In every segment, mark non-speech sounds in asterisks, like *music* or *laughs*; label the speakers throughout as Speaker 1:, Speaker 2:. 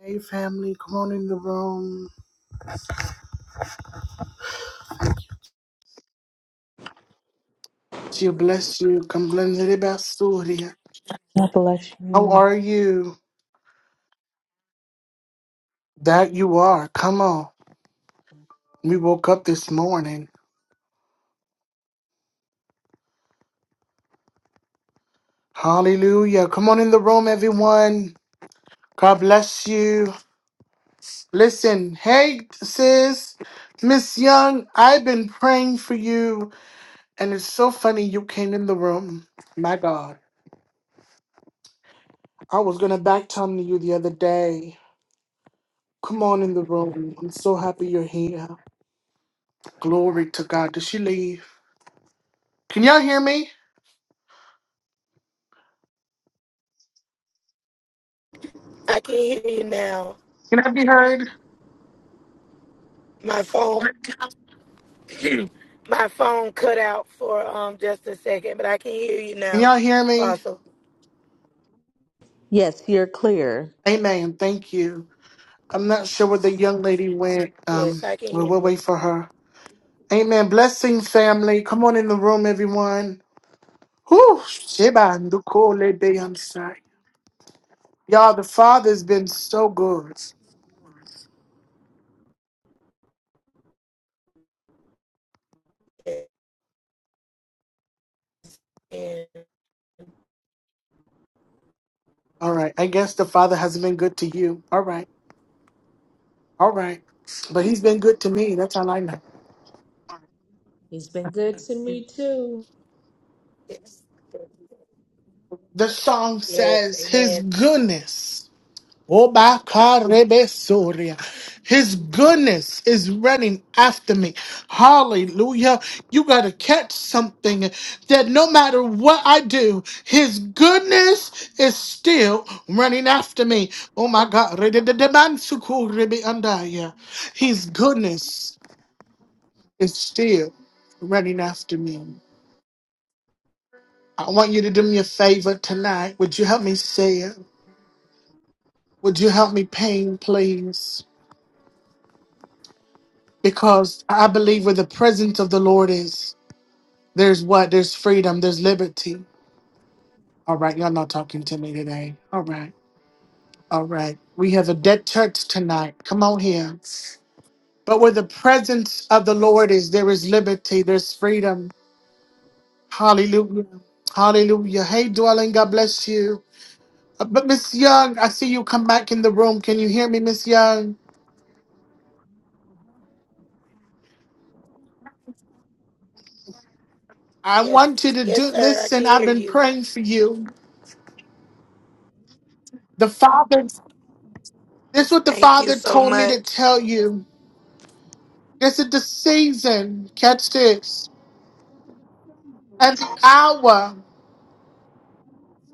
Speaker 1: Hey family, come on in the room. She bless you. Come blend about Surya.
Speaker 2: God bless
Speaker 1: How
Speaker 2: you.
Speaker 1: are you? That you are. Come on. We woke up this morning. Hallelujah. Come on in the room, everyone. God bless you. Listen, hey sis, Miss Young, I've been praying for you, and it's so funny you came in the room. My God, I was gonna back channel you the other day. Come on in the room. I'm so happy you're here. Glory to God. Did she leave? Can y'all hear me?
Speaker 3: I can hear you now.
Speaker 1: Can I be heard?
Speaker 3: My phone, *clears throat* my phone cut out for um just a second, but I can hear you
Speaker 1: Can
Speaker 3: now,
Speaker 1: y'all hear me?
Speaker 3: Apostle.
Speaker 2: Yes, you're clear.
Speaker 1: Amen. Thank you. I'm not sure where the young lady went.
Speaker 3: Yes,
Speaker 1: Um,
Speaker 3: I can
Speaker 1: well,
Speaker 3: hear
Speaker 1: we'll
Speaker 3: you.
Speaker 1: wait for her. Amen. Blessings, family. Come on in the room, everyone. Whew. Sheba ndukole beyansai. Y'all, the Father's been so good.
Speaker 3: And
Speaker 1: All right. I guess the Father hasn't been good to you. All right. All right. But He's been good to me. That's all I know.
Speaker 2: He's been good to me too.
Speaker 3: yes,
Speaker 1: The song
Speaker 3: yes,
Speaker 1: says, His
Speaker 3: Amen.
Speaker 1: goodness. Obakarebesoria. His goodness is running after me. Hallelujah. You got to catch something that no matter what I do, His goodness is still running after me. Oh my God. Rededemansukurebeandaya. His goodness is still running after me. I want you to do me a favor tonight. Would you help me say it? Would you help me paint, please? because I believe where the presence of the Lord is, there's what? There's freedom, there's liberty. All right, y'all not talking to me today. All right, all right. We have a dead church tonight. Come on here. But where the presence of the Lord is, there is liberty, there's freedom. Hallelujah. Hallelujah. Hey, dwelling, God bless you. Uh, But Miss Young, I see you come back in the room. Can you hear me, Miss Young? I
Speaker 3: Yes,
Speaker 1: want you to
Speaker 3: yes,
Speaker 1: do
Speaker 3: sir. I can
Speaker 1: listen. I've
Speaker 3: hear
Speaker 1: been
Speaker 3: you.
Speaker 1: praying for you. The Father This is what the
Speaker 3: Thank you
Speaker 1: Father
Speaker 3: so
Speaker 1: told me to
Speaker 3: much.
Speaker 1: tell you. This is the season, catch this, and the hour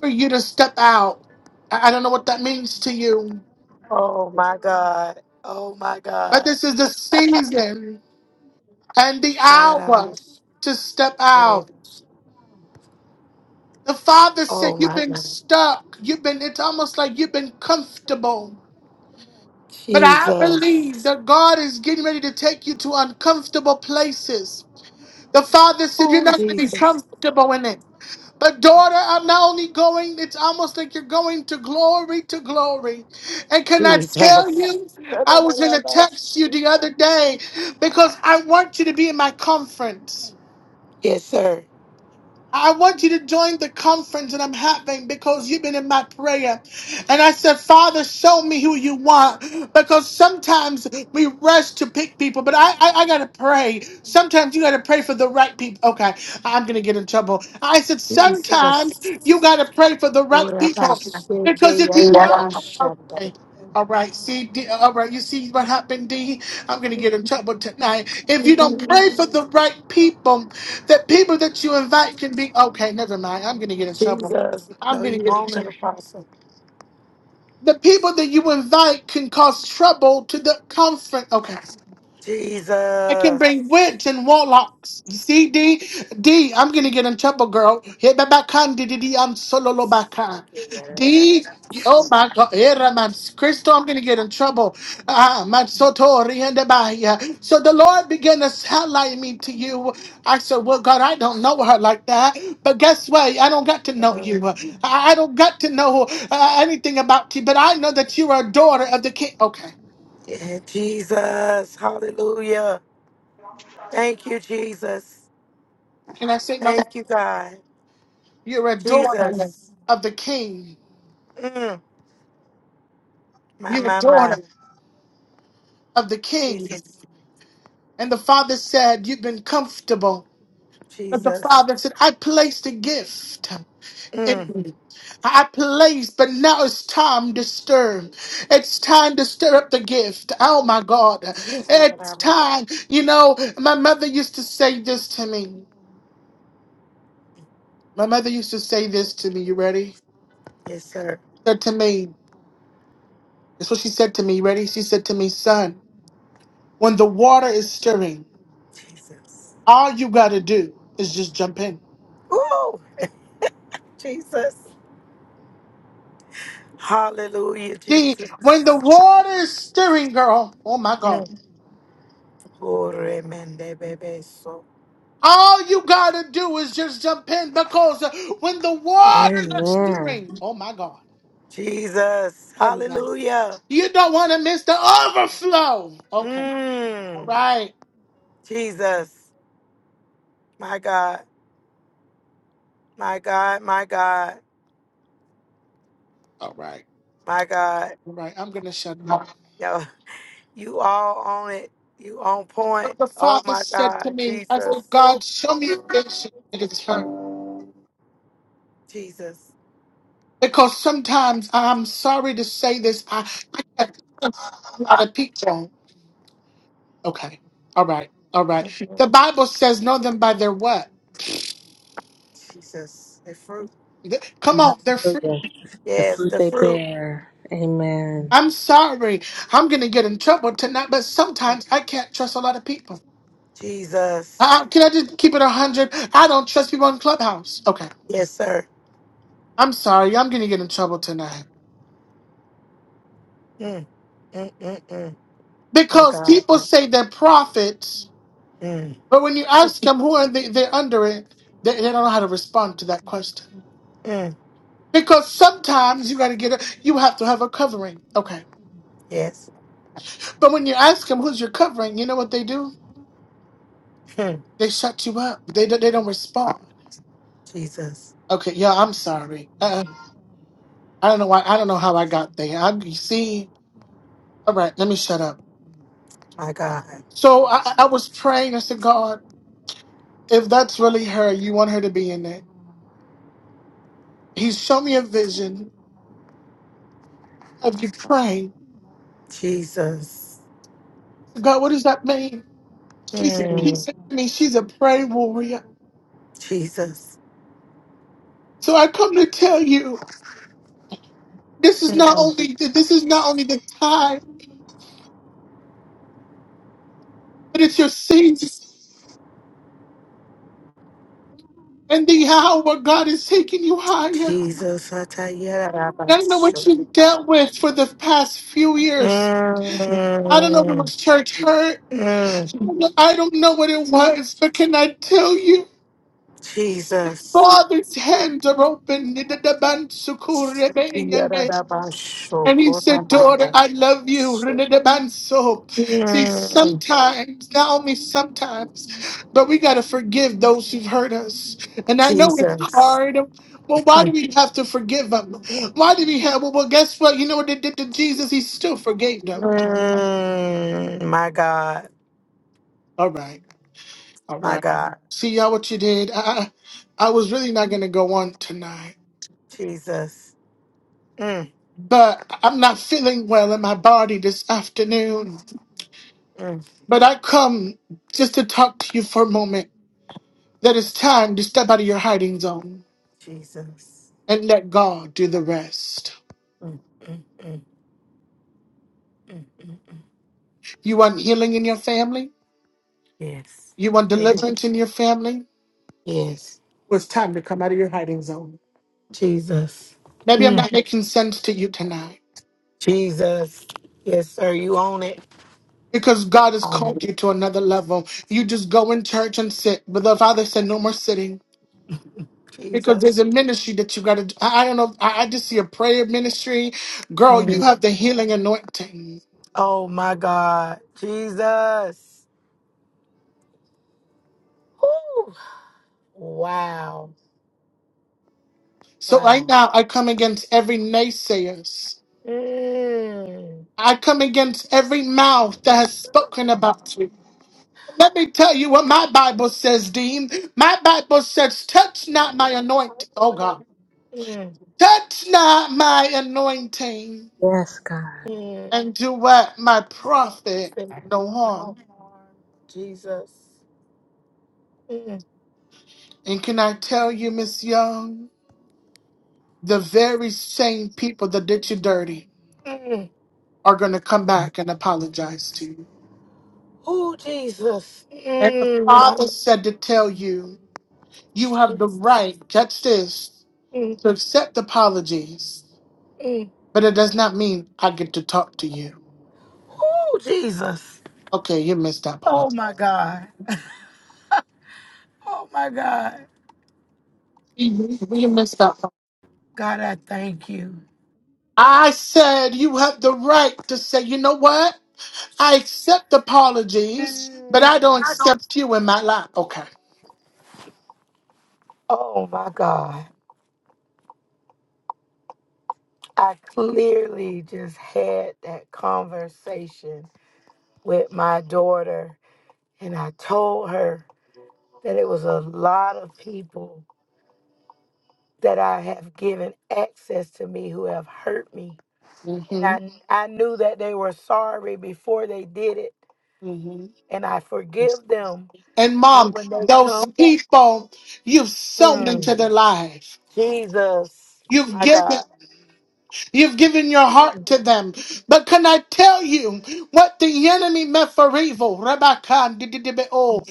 Speaker 1: for you to step out. I I don't know what that means to you,
Speaker 3: Oh my God. Oh my
Speaker 1: but
Speaker 3: God.
Speaker 1: this is the season and the hour
Speaker 3: Shadaramas.
Speaker 1: to step out. The Father said,
Speaker 3: Oh
Speaker 1: You've
Speaker 3: my
Speaker 1: been
Speaker 3: God.
Speaker 1: stuck. You've been, it's almost like you've been comfortable. But I
Speaker 3: Jesus.
Speaker 1: believe that God is getting ready to take you to uncomfortable places. The Father said, You're
Speaker 3: Oh
Speaker 1: not going to be
Speaker 3: Jesus.
Speaker 1: comfortable in it. But daughter, I'm not only going, it's almost like you're going to glory to glory. And can I tell
Speaker 3: Jesus.
Speaker 1: you, I was going to text you the other day because I want you to be in my conference.
Speaker 3: Yes, sir.
Speaker 1: I want you to join the conference that I'm having because you've been in my prayer. And I said, Father, show me who you want because sometimes we rush to pick people, but I, I, I got to pray. Sometimes you got to pray for the right people. Okay, I'm going to get in trouble. I said, sometimes
Speaker 3: Jesus.
Speaker 1: you got to pray for the right people because if you Okay. All right, see, D, all right, you see what happened, D? I'm going to get in trouble tonight. If you don't pray for the right people, the people that you invite can be okay. Never mind. I'm gonna get in trouble.
Speaker 3: Jesus.
Speaker 1: I'm
Speaker 3: No,
Speaker 1: gonna
Speaker 3: you
Speaker 1: get in
Speaker 3: own an
Speaker 1: trouble.
Speaker 3: apostle.
Speaker 1: The people that you invite can cause trouble to the conference. Okay. I can bring
Speaker 3: Jesus.
Speaker 1: witch and warlocks. You see, D, D, I'm gonna get in trouble, girl. Hit my back hand, D, D, D, I'm solo lo back hand. D, oh my God, era man, Crystal, I'm gonna get in trouble. Ah, man, soto riende bahia. So the Lord began to highlight me to you. I said, well, God, I don't know her like that, but guess what? I don't got to know you. I, I don't got to know uh, anything about you, but I know that you are a daughter of the king. Okay,
Speaker 3: Yeah, Jesus. Hallelujah. Thank you, Jesus.
Speaker 1: can I say no?
Speaker 3: Thank you, God.
Speaker 1: You're a daughter
Speaker 3: Jesus.
Speaker 1: of the king.
Speaker 3: Mm, my,
Speaker 1: You're a
Speaker 3: my, my.
Speaker 1: daughter of the king.
Speaker 3: Jesus.
Speaker 1: And the father said, You've been comfortable. But the
Speaker 3: Jesus.
Speaker 1: father said, I placed a gift. in
Speaker 3: Mm.
Speaker 1: you. I placed, but now it's time to stir. It's time to stir up the gift. Oh my God. It's time. You know, my mother used to say this to me. My mother used to say this to me. You ready?
Speaker 3: Yes, sir.
Speaker 1: Said to me, that's what she said to me. You ready? She said to me, son, when the water is stirring.
Speaker 3: Jesus.
Speaker 1: All you gotta do is just jump in.
Speaker 3: Ooh, Jesus. Hallelujah,
Speaker 1: See, when the
Speaker 3: Jesus.
Speaker 1: water is stirring, girl, oh my God,
Speaker 3: Mm. Oremendebebeso.
Speaker 1: all you gotta do is just jump in because uh, when the water is
Speaker 2: Amen.
Speaker 1: stirring, oh my God,
Speaker 3: Jesus.
Speaker 1: never mind.
Speaker 3: Hallelujah.
Speaker 1: You don't want to miss the overflow. Okay, all
Speaker 3: Mm.
Speaker 1: right,
Speaker 3: Jesus. My God. My God. My God.
Speaker 1: all right,
Speaker 3: My God.
Speaker 1: all right. I'm gonna shut up.
Speaker 3: Yo, you all on it. You on point.
Speaker 1: But the
Speaker 3: Oh
Speaker 1: Father
Speaker 3: my
Speaker 1: said to
Speaker 3: God.
Speaker 1: me, I said,
Speaker 3: Jesus.
Speaker 1: God, show me a vision at a time.
Speaker 3: Jesus.
Speaker 1: Because sometimes I'm sorry to say this, I, I can't come out of people. Okay. All right. All right.
Speaker 3: Mhm.
Speaker 1: The Bible says, know them by their what?
Speaker 3: Jesus. The fruit.
Speaker 1: Th- Come on, they're fruit.
Speaker 2: Hallelujah. The
Speaker 3: Yes,
Speaker 2: fruit
Speaker 3: the
Speaker 2: they
Speaker 3: fruit.
Speaker 2: bear. Amen.
Speaker 1: I'm sorry. I'm going to get in trouble tonight, but sometimes I can't trust a lot of people.
Speaker 3: Jesus.
Speaker 1: Uh, can I just keep it 100? I don't trust people in Clubhouse. Okay.
Speaker 3: Yes, sir.
Speaker 1: I'm sorry. I'm going to get in trouble tonight.
Speaker 3: Mm, mm, mm, mm. My
Speaker 1: Because
Speaker 3: God.
Speaker 1: people say they're prophets,
Speaker 3: Mm,
Speaker 1: but when you ask them who are they, they're under it, they, they don't know how to respond to that question.
Speaker 3: mm.
Speaker 1: Because sometimes you got to get a, you have to have a covering. Okay.
Speaker 3: Yes.
Speaker 1: But when you ask them who's you're covering, you know what they do?
Speaker 3: Mm.
Speaker 1: They shut you up. They don't- they don't respond.
Speaker 3: Jesus.
Speaker 1: Okay, yeah, I'm sorry. Uh, I don't know why. I don't know how I got there. I you see. All right, let me shut up.
Speaker 3: My God.
Speaker 1: So I, I I was praying. I said, God, if that's really her, you want her to be in it. He showed me a vision of you praying.
Speaker 3: Jesus.
Speaker 1: God, what does that mean? She said, He
Speaker 3: Mm.
Speaker 1: said to me, she's a prayer warrior.
Speaker 3: Jesus.
Speaker 1: So I come to tell you, this is not
Speaker 3: Mm.
Speaker 1: only this is not only the time, but it's your season. and the hour God is taking you higher.
Speaker 3: Jesus. I tell you that I
Speaker 1: And I know
Speaker 3: bless
Speaker 1: what
Speaker 3: you.
Speaker 1: you've dealt with for the past few years. I don't know if it
Speaker 3: Mm,
Speaker 1: was church hurt.
Speaker 3: mm.
Speaker 1: I don't know what it was, but can I tell you?
Speaker 3: Jesus.
Speaker 1: Father's hands are open.
Speaker 3: Yeah, that I bless you.
Speaker 1: And he
Speaker 3: Good, I
Speaker 1: said, Daughter, I love you.
Speaker 3: bless
Speaker 1: Renadabanso. See,
Speaker 3: Mm,
Speaker 1: sometimes, not only sometimes, but we got to forgive those who've hurt us. And I know it's
Speaker 3: Jesus.
Speaker 1: hard. Well, why do we have to forgive them? Why do we have? Well, well guess what? You know what they did to Jesus? He still forgave them.
Speaker 3: Mm, my God.
Speaker 1: All right. All
Speaker 3: My
Speaker 1: right.
Speaker 3: God.
Speaker 1: See, y'all, what you did? I, I I was really not going to go on tonight,
Speaker 3: Jesus. Mm,
Speaker 1: but I'm not feeling well in my body this afternoon.
Speaker 3: mm,
Speaker 1: But I come just to talk to you for a moment. that it's time to step out of your hiding zone
Speaker 3: Jesus.
Speaker 1: and let God do the rest.
Speaker 3: Mm, mm, mm, mm, mm, mm.
Speaker 1: You want healing in your family?
Speaker 3: Yes.
Speaker 1: You want
Speaker 3: Amen.
Speaker 1: deliverance in your family?
Speaker 3: Yes.
Speaker 1: Well, it's time to come out of your hiding zone.
Speaker 3: Jesus.
Speaker 1: Maybe I'm
Speaker 3: Mm,
Speaker 1: not making sense to you tonight
Speaker 3: Jesus. Yes, sir. You own it.
Speaker 1: because God has
Speaker 3: Own
Speaker 1: called you to another level. You just go in church and sit, but the Father said, no more sitting.
Speaker 3: it.
Speaker 1: Because there's
Speaker 3: Jesus.
Speaker 1: a ministry that you gotta I, I don't know, I, I just see a prayer ministry. Girl, you
Speaker 3: Mm.
Speaker 1: have the healing anointing.
Speaker 3: Oh, my God. Jesus. Woo. Wow.
Speaker 1: So right
Speaker 3: Wow.
Speaker 1: now I come against every naysayers.
Speaker 3: Mm.
Speaker 1: I come against every mouth that has spoken about you. Let me tell you what my Bible says, Dean. My Bible says, touch not my
Speaker 3: I
Speaker 1: anointing. Oh,
Speaker 3: want
Speaker 1: God.
Speaker 3: it. Mm,
Speaker 1: Touch not my anointing
Speaker 2: Yes, God.
Speaker 3: mm.
Speaker 1: and do what? My prophet
Speaker 3: nothing,
Speaker 1: no harm.
Speaker 3: no harm. Jesus. Mm,
Speaker 1: And can I tell you, Miss Young, the very same people that did you dirty
Speaker 3: mm.
Speaker 1: are going to come back and apologize to you.
Speaker 3: Oh, Jesus.
Speaker 1: And the
Speaker 3: Mm, my
Speaker 1: Father said to tell you, you have the
Speaker 3: Jesus.
Speaker 1: right, catch this,
Speaker 3: Mm,
Speaker 1: to accept apologies,
Speaker 3: mm.
Speaker 1: but it does not mean I get to talk to you.
Speaker 3: Oh, Jesus.
Speaker 1: Okay, you missed that
Speaker 3: Oh,
Speaker 1: part.
Speaker 3: my God. Oh, my God.
Speaker 1: You you missed that part.
Speaker 3: God, I thank you.
Speaker 1: I said you have the right to say, you know what? I accept apologies, but I
Speaker 3: Mm.
Speaker 1: don't
Speaker 3: I don't-
Speaker 1: accept you in my life. Okay.
Speaker 3: Oh, my God. I clearly just had that conversation with my daughter, and I told her that it was a lot of people that I have given access to me who have hurt me.
Speaker 1: hmm
Speaker 3: And I, I knew that they were sorry before they did it,
Speaker 1: hmm
Speaker 3: and I forgive them.
Speaker 1: And
Speaker 3: But
Speaker 1: mom,
Speaker 3: when they
Speaker 1: those
Speaker 3: come back,
Speaker 1: people you've sown into
Speaker 3: mm,
Speaker 1: their life,
Speaker 3: Jesus,
Speaker 1: you've
Speaker 3: my
Speaker 1: given.
Speaker 3: God.
Speaker 1: You've given your heart
Speaker 3: Mm.
Speaker 1: to them. But can I tell you what the enemy meant for evil? Rabbakan, dididibeo.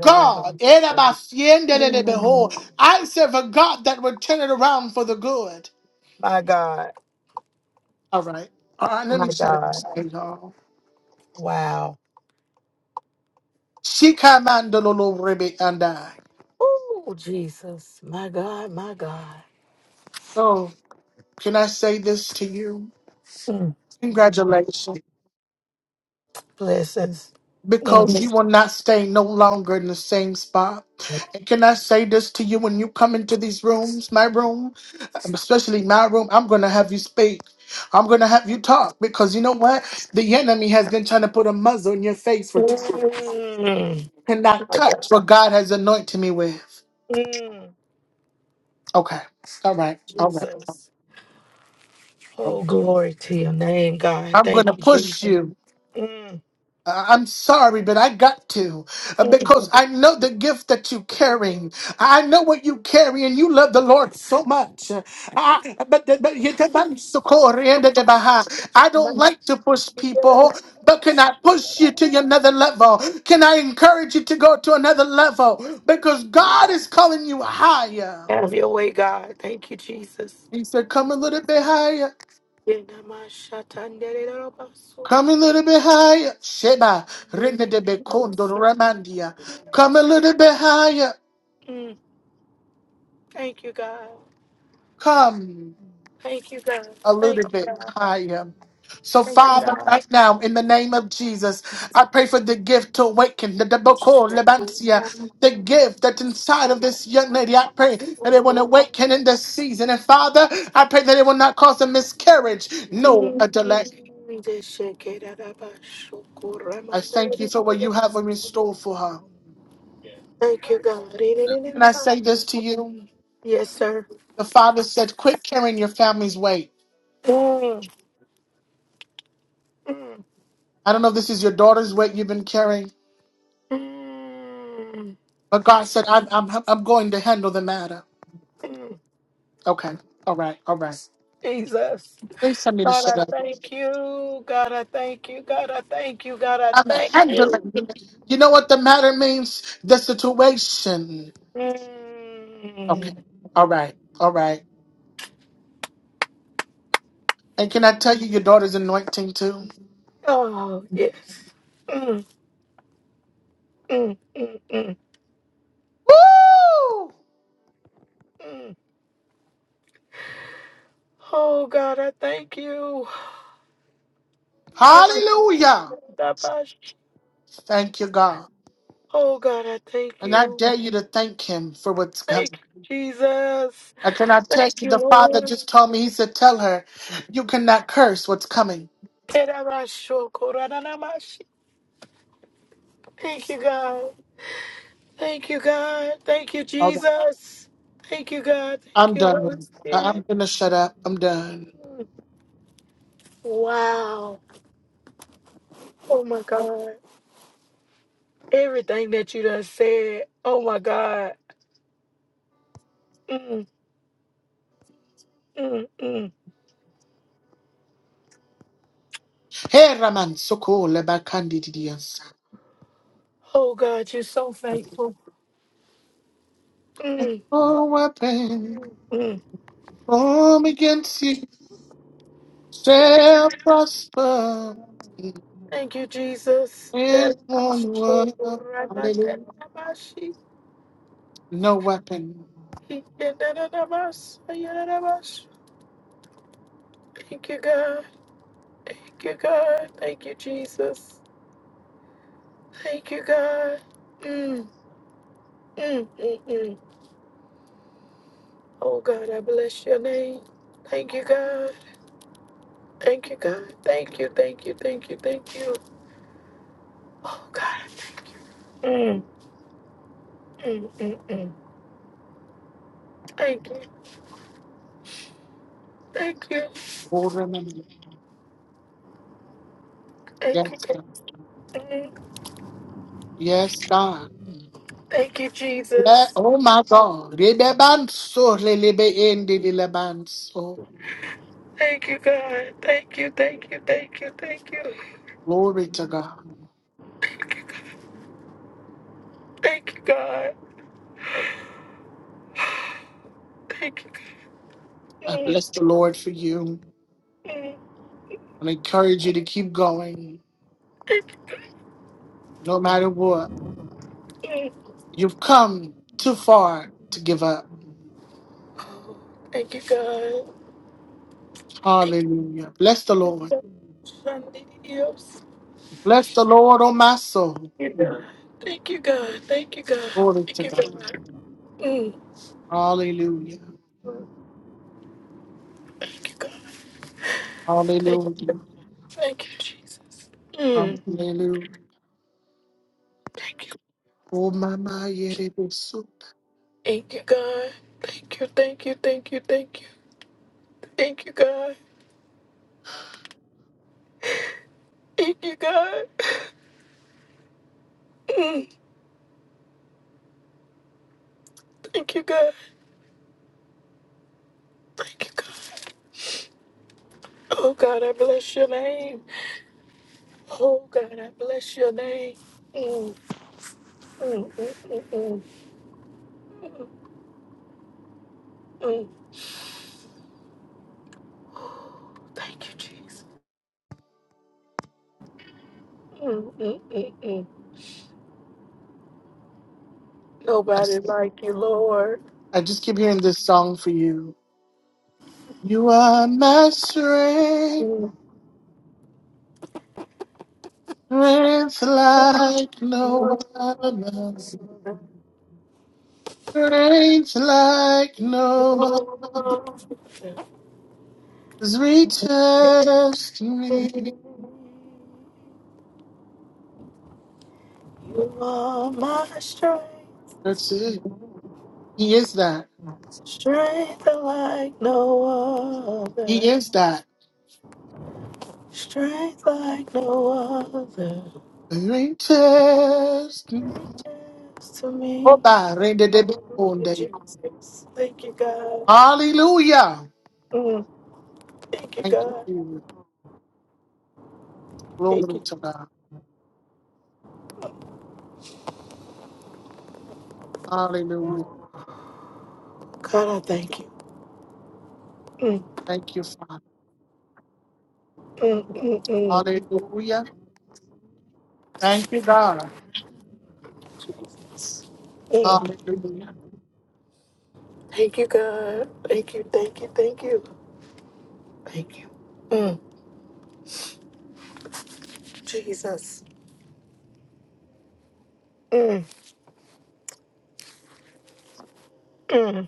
Speaker 1: God, erabasiendelelebeho. I serve a God that would turn it around for the good.
Speaker 3: My God,
Speaker 1: All right. All right, let me
Speaker 3: my
Speaker 1: shut it
Speaker 3: God.
Speaker 1: down, y'all.
Speaker 3: Wow.
Speaker 1: Shikamandololo rebe andai.
Speaker 3: Oh, Jesus, my God, my God.
Speaker 1: So, can I say this to you?
Speaker 3: Mm. mm,
Speaker 1: Congratulations.
Speaker 3: Blessings. Mm.
Speaker 1: because you will not stay no longer in the same spot. And can I say this to you when you come into these rooms, my room, um, especially my room, I'm going to have you speak. I'm going to have you talk because you know what? The enemy has been trying to put a muzzle in your face for t-
Speaker 3: Mm.
Speaker 1: cannot
Speaker 3: My God.
Speaker 1: touch what God has anointed me with.
Speaker 3: Mm,
Speaker 1: Okay. All right. All right.
Speaker 3: Jesus.
Speaker 1: I'm
Speaker 3: Oh, glory to your name, God.
Speaker 1: I'm going
Speaker 3: Thank
Speaker 1: to
Speaker 3: you,
Speaker 1: push
Speaker 3: Jesus.
Speaker 1: you.
Speaker 3: Mm,
Speaker 1: Uh, I'm sorry, but I got to uh,
Speaker 3: mm.
Speaker 1: because I know the gift that you carry. I know what you carry, and you love the Lord so much. Uh, I, but, but you can't- i so cold, and the behind. I don't like to push people, but can I push you to another level? Can I encourage you to go to another level? Because God is calling you higher.
Speaker 3: Have your way, God. Thank you, Jesus.
Speaker 1: He said, "Come a little bit higher."
Speaker 3: Mm,
Speaker 1: Come a little bit higher, Sheba, Rene de Bekondo Ramandia. Come a little bit higher.
Speaker 3: thank you, God.
Speaker 1: come
Speaker 3: Thank you, God.
Speaker 1: a
Speaker 3: Thank
Speaker 1: little bit
Speaker 3: you,
Speaker 1: higher. So, Father,
Speaker 3: God.
Speaker 1: right now, in the name of Jesus, I pray for the gift to awaken the Deboko Lebantia. The gift that's inside of this young lady, I pray
Speaker 3: Thank
Speaker 1: that
Speaker 3: you,
Speaker 1: it will awaken in
Speaker 3: God.
Speaker 1: this season. And Father, I pray that it will not cause a miscarriage, no, a
Speaker 3: Thank
Speaker 1: delay. I thank you for what you have in store for her.
Speaker 4: Yeah.
Speaker 3: you,
Speaker 1: Can I
Speaker 3: God.
Speaker 1: say this to you?
Speaker 3: Yes, sir.
Speaker 1: The Father said, Quit carrying your family's weight.
Speaker 3: Mm, mm,
Speaker 1: I don't know if this is your daughter's weight you've been carrying.
Speaker 3: mm,
Speaker 1: But God said, I'm, I'm, I'm going to handle the matter.
Speaker 3: mm.
Speaker 1: Okay. All right. All right.
Speaker 3: Jesus.
Speaker 1: Please tell me to
Speaker 3: God, I
Speaker 1: shut up.
Speaker 3: thank you. God, I thank you. God, I thank you. God, I
Speaker 1: I'm
Speaker 3: thank you.
Speaker 1: handling. You know what the matter means? The situation. Okay.
Speaker 3: Mm.
Speaker 1: All right. All right. And can I tell you your daughter's anointing too?
Speaker 3: Oh, yes. Mm, mm, mm, mm,
Speaker 1: Woo!
Speaker 3: mm. Oh, God, I thank you. God,
Speaker 1: Hallelujah.
Speaker 3: I thank you.
Speaker 1: Thank you, God.
Speaker 3: Oh God, I thank
Speaker 1: And I
Speaker 3: you.
Speaker 1: dare you to thank him for what's
Speaker 3: Thank
Speaker 1: coming.
Speaker 3: you, Jesus.
Speaker 1: I cannot tell
Speaker 3: Thank
Speaker 1: you.
Speaker 3: you,
Speaker 1: The father
Speaker 3: Lord.
Speaker 1: just told me, he said, tell her, you cannot curse what's coming.
Speaker 3: Eramashokoranamashi. Thank you, God. Thank you, God. Thank you, Jesus. Thank you, God. Thank
Speaker 1: I'm
Speaker 3: you, Holy
Speaker 1: done. I- I'm
Speaker 3: Spirit.
Speaker 1: gonna shut up. I'm done.
Speaker 3: Wow. Oh my God. Everything that you done said. Oh my God. Mm, mm, mm.
Speaker 1: Hey, Raman, so cool about Candidians.
Speaker 3: Oh God, you're so faithful. Mm,
Speaker 1: No weapon
Speaker 3: mm.
Speaker 1: form against you shall prosper.
Speaker 3: Thank you, Jesus.
Speaker 1: It
Speaker 3: That I
Speaker 1: won't
Speaker 3: should go
Speaker 1: work.
Speaker 3: around and
Speaker 1: Hallelujah.
Speaker 3: I should
Speaker 1: No weapon
Speaker 3: Thank you, God. Thank you, God. Thank you, Jesus. Thank you, God. Mm, mm, mm, mm. Oh, God, I bless your name. Thank you, God. Thank you, God. Thank you, thank you, thank you, thank you. Oh, God. Mm, mm, mm, mm. Thank you. Thank you.
Speaker 1: will remember.
Speaker 3: Thank
Speaker 1: Yes,
Speaker 3: you, God.
Speaker 1: God.
Speaker 3: Mm,
Speaker 1: Yes, God.
Speaker 3: Thank you,
Speaker 1: Yeah,
Speaker 3: Jesus.
Speaker 1: oh my God. Rebebanso, lelebe endi dilebanso.
Speaker 3: Thank you, God. Thank you, thank you, thank you, thank you.
Speaker 1: Glory to God.
Speaker 3: Thank you, God. Thank you, God.
Speaker 1: I
Speaker 3: Mm.
Speaker 1: bless the Lord for you.
Speaker 3: Mm.
Speaker 1: I encourage you to keep going. no matter what. You've come too far to give up.
Speaker 3: Thank you, God. Thank you,
Speaker 1: Hallelujah. Bless the Lord.
Speaker 3: God. Sunday, yes.
Speaker 1: Bless the Lord, oh my soul.
Speaker 3: Thank you, God. Thank you, God.
Speaker 1: Glory to
Speaker 3: Thank you,
Speaker 1: God.
Speaker 3: God. Mm.
Speaker 1: Hallelujah.
Speaker 3: Thank you, God. Thank,
Speaker 1: Hallelujah.
Speaker 3: thank you, Jesus. Mm.
Speaker 1: Hallelujah.
Speaker 3: Thank you.
Speaker 1: Oh my my yerebusu.
Speaker 3: Thank you, God. Thank you, thank you, thank you, thank you. Thank you, God. Thank you, God. Mm. Thank you, God. Thank you, God. Oh, God, I bless your name. Oh, God, I bless your name. Mm, mm, mm, mm, mm. mm. Mm. *gasps* Thank you, Jesus. Mm, mm, mm, mm.
Speaker 1: I
Speaker 3: Nobody
Speaker 1: s-
Speaker 3: like you, Lord.
Speaker 1: I just keep hearing this song for you. You are my strength,
Speaker 3: Mm.
Speaker 1: strength like
Speaker 3: You
Speaker 1: no other, strength like no other's reaches me.
Speaker 3: are my strength,
Speaker 1: That's it. He is that.
Speaker 3: strength like no
Speaker 1: He
Speaker 3: other,
Speaker 1: is that.
Speaker 3: strength like no other.
Speaker 1: Greatest. Oh,
Speaker 3: Yes, to me,
Speaker 1: God. Rende de
Speaker 3: Hallelujah,
Speaker 1: bonde.
Speaker 3: Jesus. Thank you, God.
Speaker 1: Hallelujah.
Speaker 3: Mm, thank you,
Speaker 1: Thank you,
Speaker 3: God.
Speaker 1: Jesus.
Speaker 3: Thank
Speaker 1: Glory
Speaker 3: you,
Speaker 1: to God. Hallelujah.
Speaker 3: God, I thank you. Mm,
Speaker 1: Thank you, Father.
Speaker 3: mm, mm, mm,
Speaker 1: Hallelujah. Thank you, God.
Speaker 3: mm.
Speaker 1: Hallelujah.
Speaker 3: Thank you, God. Thank you, thank you, thank you. Thank you. Mm, Jesus. Mm, mm,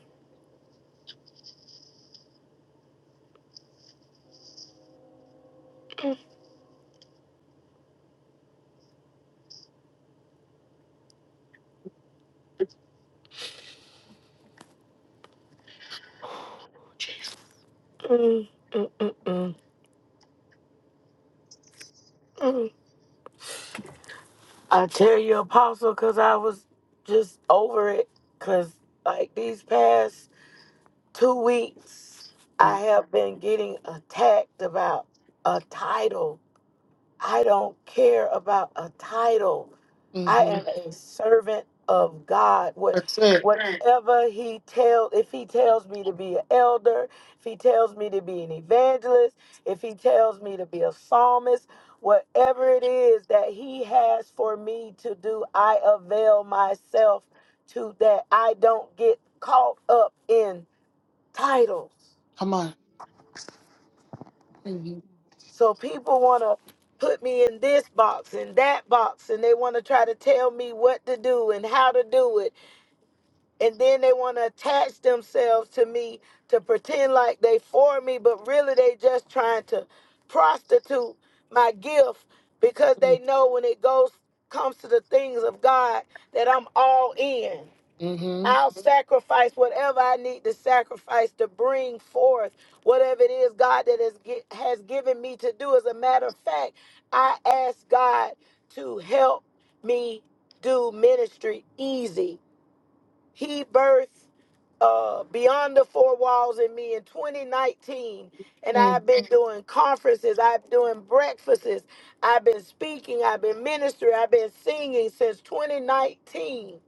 Speaker 3: mm, mm, mm, mm, mm. I tell you, Apostle, because I was just over it. Because, like, these past two weeks, I have been getting attacked about a title. I don't care about a title. I
Speaker 1: Mm-hmm.
Speaker 3: am a servant of God. What
Speaker 1: That's it.
Speaker 3: whatever he tells, if he tells me to be an elder, if he tells me to be an evangelist, if he tells me to be a psalmist, whatever it is that he has for me to do, I avail myself to that. I don't get caught up in titles.
Speaker 1: Come on. Mm-hmm.
Speaker 3: So people want to put me in this box and that box and they want to try to tell me what to do and how to do it and then they want to attach themselves to me to pretend like they for me but really they just trying to prostitute my gift because they know when it goes comes to the things of god that i'm all in
Speaker 1: Mm-hmm.
Speaker 3: i'll sacrifice whatever i need to sacrifice to bring forth whatever it is god that has, gi- has given me to do as a matter of fact i ask god to help me do ministry easy he birthed uh, Beyond the Four Walls in me in 2019. And
Speaker 1: Mm.
Speaker 3: I've been Mhm. doing conferences, I've been doing breakfasts, I've been speaking, I've been ministering, I've been singing since 2019.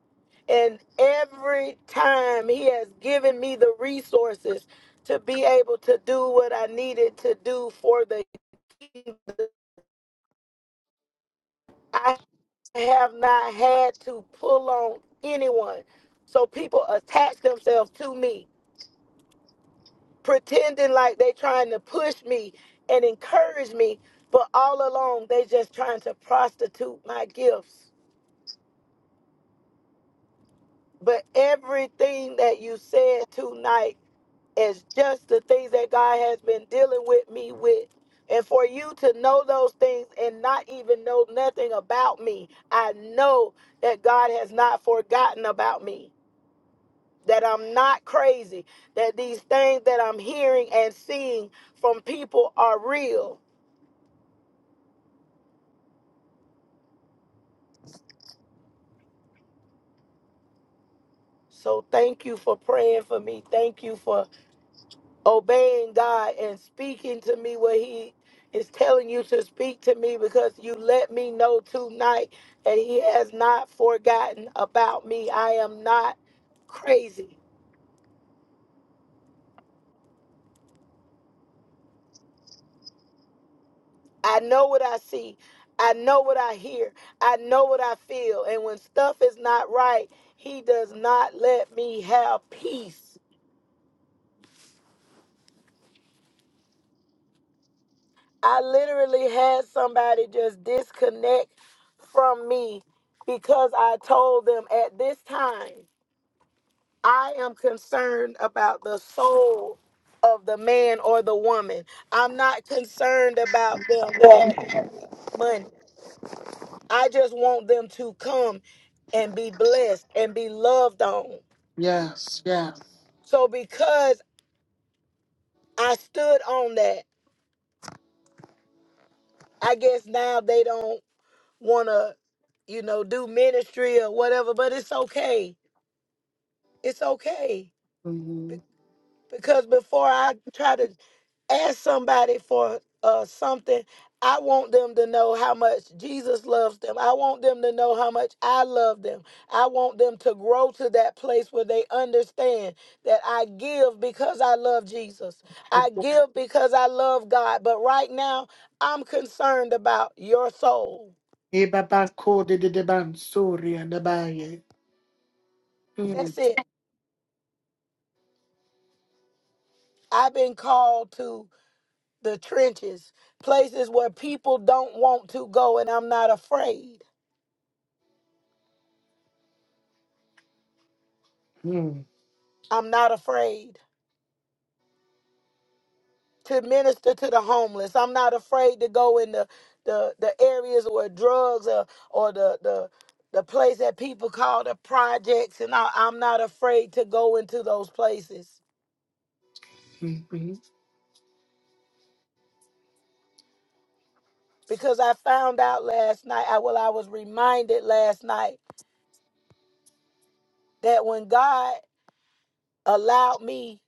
Speaker 3: And every time he has given me the resources to be able to do what I needed to do for the kingdom, I have not had to pull on anyone. So people attach themselves to me pretending like they trying to push me and encourage me, but all along they just trying to prostitute my gifts. But everything that you said tonight is just the things that God has been dealing with me with. And for you to know those things and not even know nothing about me, I know that God has not forgotten about me, that I'm not crazy, that these things that I'm hearing and seeing from people are real So thank you for praying for me. Thank you for obeying God and speaking to me what He is telling you to speak to me because you let me know tonight that He has not forgotten about me. I am not crazy. I know what I see. I know what I hear. I know what I feel. And when stuff is not right, He does not let me have peace. I literally had somebody just disconnect from me because I told them at this time, I am concerned about the soul of the man or the woman. I'm not concerned about them having money. I just want them to come and be blessed and be loved on.
Speaker 1: Yes, yes.
Speaker 3: So because I stood on that, I guess now they don't want to, you know, do ministry or whatever, but it's okay it's okay be-
Speaker 1: Mm-hmm.
Speaker 3: because before I try to ask somebody for uh, something, I want them to know how much Jesus loves them. I want them to know how much I love them. I want them to grow to that place where they understand that I give because I love Jesus. I give because I love God. But right now, I'm concerned about your soul. That's it. I've been called to the trenches, places where people don't want to go, and I'm not afraid.
Speaker 1: Mm-hmm.
Speaker 3: I'm not afraid to minister to the homeless. I'm not afraid to go in the the, the areas where drugs or or the the the place that people call the projects, and I, I'm not afraid to go into those places
Speaker 1: Mm-hmm.
Speaker 3: because I found out last night. I, well, I was reminded last night that when God allowed me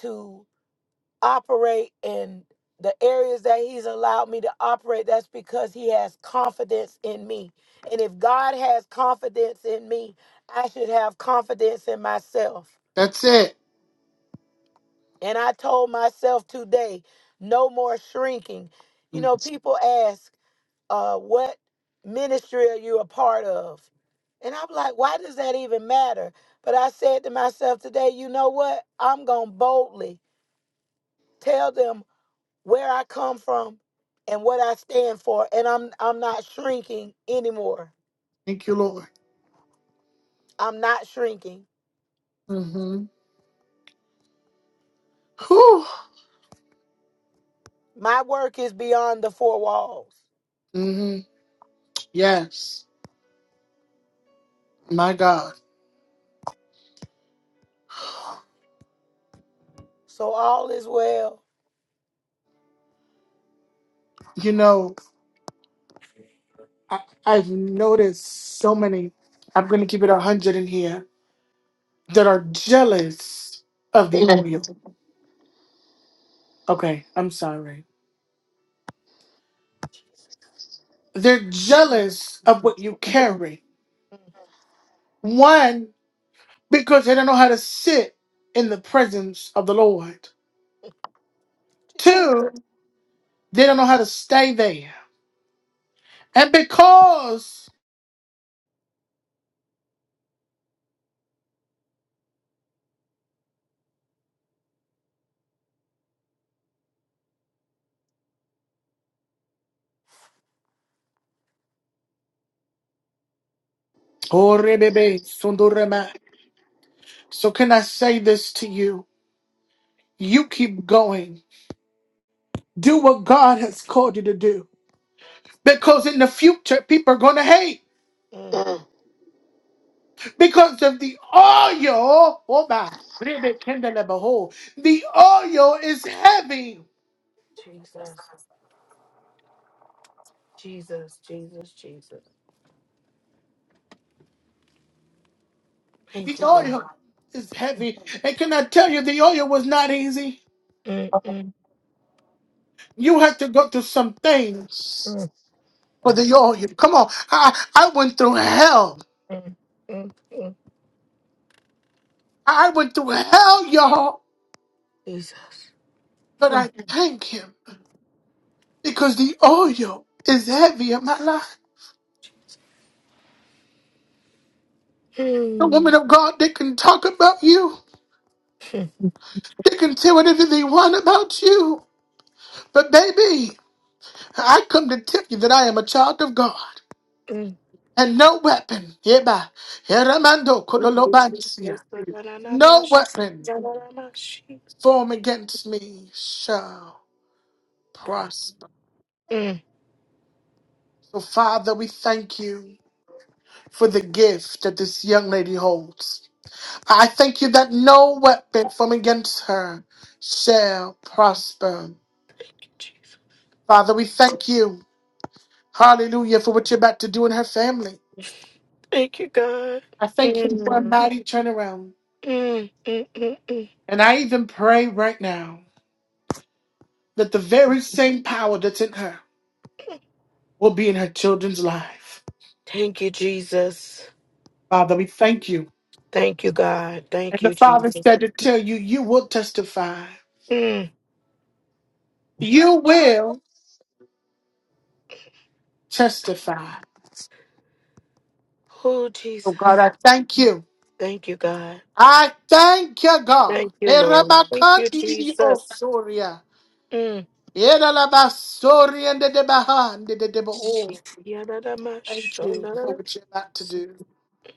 Speaker 3: to operate in the areas that he's allowed me to operate that's because he has confidence in me and if god has confidence in me i should have confidence in myself
Speaker 1: That's it.
Speaker 3: and i told myself today no more shrinking you know
Speaker 1: Thank
Speaker 3: people ask uh, what ministry are you a part of and i'm like why does that even matter but i said to myself today you know what i'm gonna boldly tell them where I come from and what I stand for and I'm I'm not shrinking anymore.
Speaker 1: you, Lord.
Speaker 3: I'm not shrinking.
Speaker 1: hmm hmm
Speaker 3: My work is beyond the four walls.
Speaker 1: Yes, my God.
Speaker 3: So all is well.
Speaker 1: You know, I, I've noticed so many, I'm going to keep it 100 in here, that are jealous of the
Speaker 3: Mm,
Speaker 1: Mhm. oil. Okay, I'm sorry. They're jealous of what you carry.
Speaker 3: mm,
Speaker 1: One, because they don't know how to sit in the presence of the Lord.
Speaker 3: Jesus.
Speaker 1: Two, they don't know how to stay there. And because So, can I say this to you? You keep going. Do what God has called you to do. Because in the future, people are going to hate.
Speaker 3: Mm,
Speaker 1: Because of the oil. Oh, my. The oil is heavy.
Speaker 3: Jesus. Jesus. Jesus. Jesus.
Speaker 1: The
Speaker 3: Thank you, God.
Speaker 1: oil is heavy. And can I tell you, the oil was not easy?
Speaker 3: Mm, mm,
Speaker 1: You had to go through some things
Speaker 3: mm,
Speaker 1: for the oil. Come on. I, I went through hell.
Speaker 3: mm, mm, mm.
Speaker 1: I went through hell, y'all.
Speaker 3: Jesus.
Speaker 1: But I
Speaker 3: Mm,
Speaker 1: thank Him. because the oil is heavy on my life. The
Speaker 3: mm,
Speaker 1: woman of God, they can talk about you. They can say whatever they want about you. But baby, I come to tell you that I am a child of God.
Speaker 3: mm.
Speaker 1: And no weapon, hereby, heramando
Speaker 3: Thank you,
Speaker 1: kodolobansia,
Speaker 3: Jesus.
Speaker 1: no weapon formed against me shall prosper.
Speaker 3: Mm,
Speaker 1: So Father, we thank you for the gift that this young lady holds. I thank you that no weapon from against her shall prosper.
Speaker 3: Jesus.
Speaker 1: Father, we thank you, hallelujah, for what you're about to do in her family.
Speaker 3: Thank you, God.
Speaker 1: I thank you for a
Speaker 3: Mm,
Speaker 1: mighty turnaround.
Speaker 3: mm, mm, mm, mm.
Speaker 1: And I even pray right now that the very same power that's in her will be in her children's life.
Speaker 3: Thank you, Jesus.
Speaker 1: Father, we thank you.
Speaker 3: Thank you, God.
Speaker 1: And
Speaker 3: Thank
Speaker 1: the
Speaker 3: you,
Speaker 1: Father
Speaker 3: Jesus.
Speaker 1: said to tell you, you will testify.
Speaker 3: Mm.
Speaker 1: You will testify.
Speaker 3: Oh,
Speaker 1: So, God,
Speaker 3: Jesus.
Speaker 1: I thank you.
Speaker 3: Thank you, God.
Speaker 1: I thank you, God.
Speaker 3: Thank you, Lord. Thank you,
Speaker 1: Nerabakandidi
Speaker 3: Jesus.
Speaker 1: osoria.
Speaker 3: Mm.
Speaker 1: Yeralabasoria De ndededebao. Thank you for what you're about to do.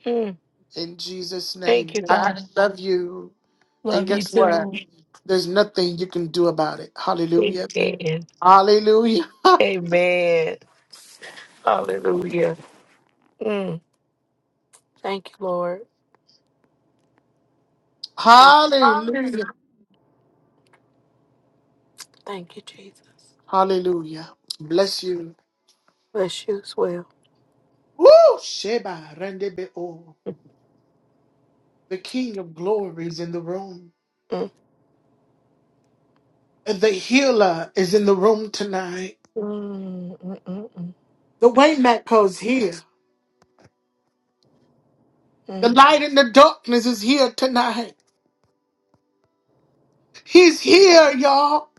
Speaker 3: Mm.
Speaker 1: In Jesus' name,
Speaker 3: Thank you,
Speaker 1: I I
Speaker 3: God.
Speaker 1: love you. And
Speaker 3: Love you
Speaker 1: guess what?
Speaker 3: too.
Speaker 1: There's nothing you can do about it. Hallelujah.
Speaker 3: Amen.
Speaker 1: Hallelujah. *laughs*
Speaker 3: Amen. Hallelujah. Mm. Thank you, Lord. Thank you.
Speaker 1: Hallelujah.
Speaker 3: Thank you, Jesus.
Speaker 1: Hallelujah. Bless you.
Speaker 3: Bless you as well.
Speaker 1: Woo! Sheba rendebeo. The King of Glory is in the room.
Speaker 3: Mm.
Speaker 1: The healer is in the room tonight.
Speaker 3: Mm, mm, mm, mm,
Speaker 1: The waymaker's here. The
Speaker 3: mm.
Speaker 1: light in the darkness is here tonight. He's here, y'all.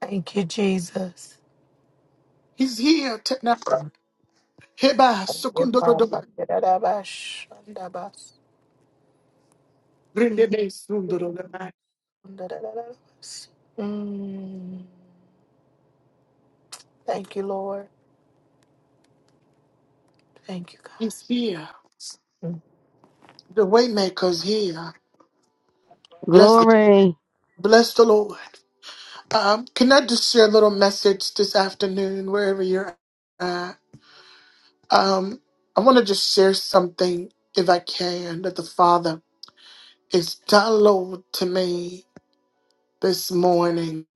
Speaker 3: Thank you, Jesus.
Speaker 1: He's here tonight. Heba
Speaker 3: Thank you,
Speaker 1: sukundorodoba,
Speaker 3: Father. Da-da-da-bash, da-da-bas. Mm,
Speaker 1: rindebe sundorodoba.
Speaker 3: Da-da-da-da-bas. Mm. Thank you, Lord. Thank you, God.
Speaker 1: He's here. The waymaker's here. Bless,
Speaker 5: Glory.
Speaker 1: bless the Lord. Um, can I just share a little message this afternoon, wherever you're at? Um, I want to just share something, if I can, that the Father is download to me this morning.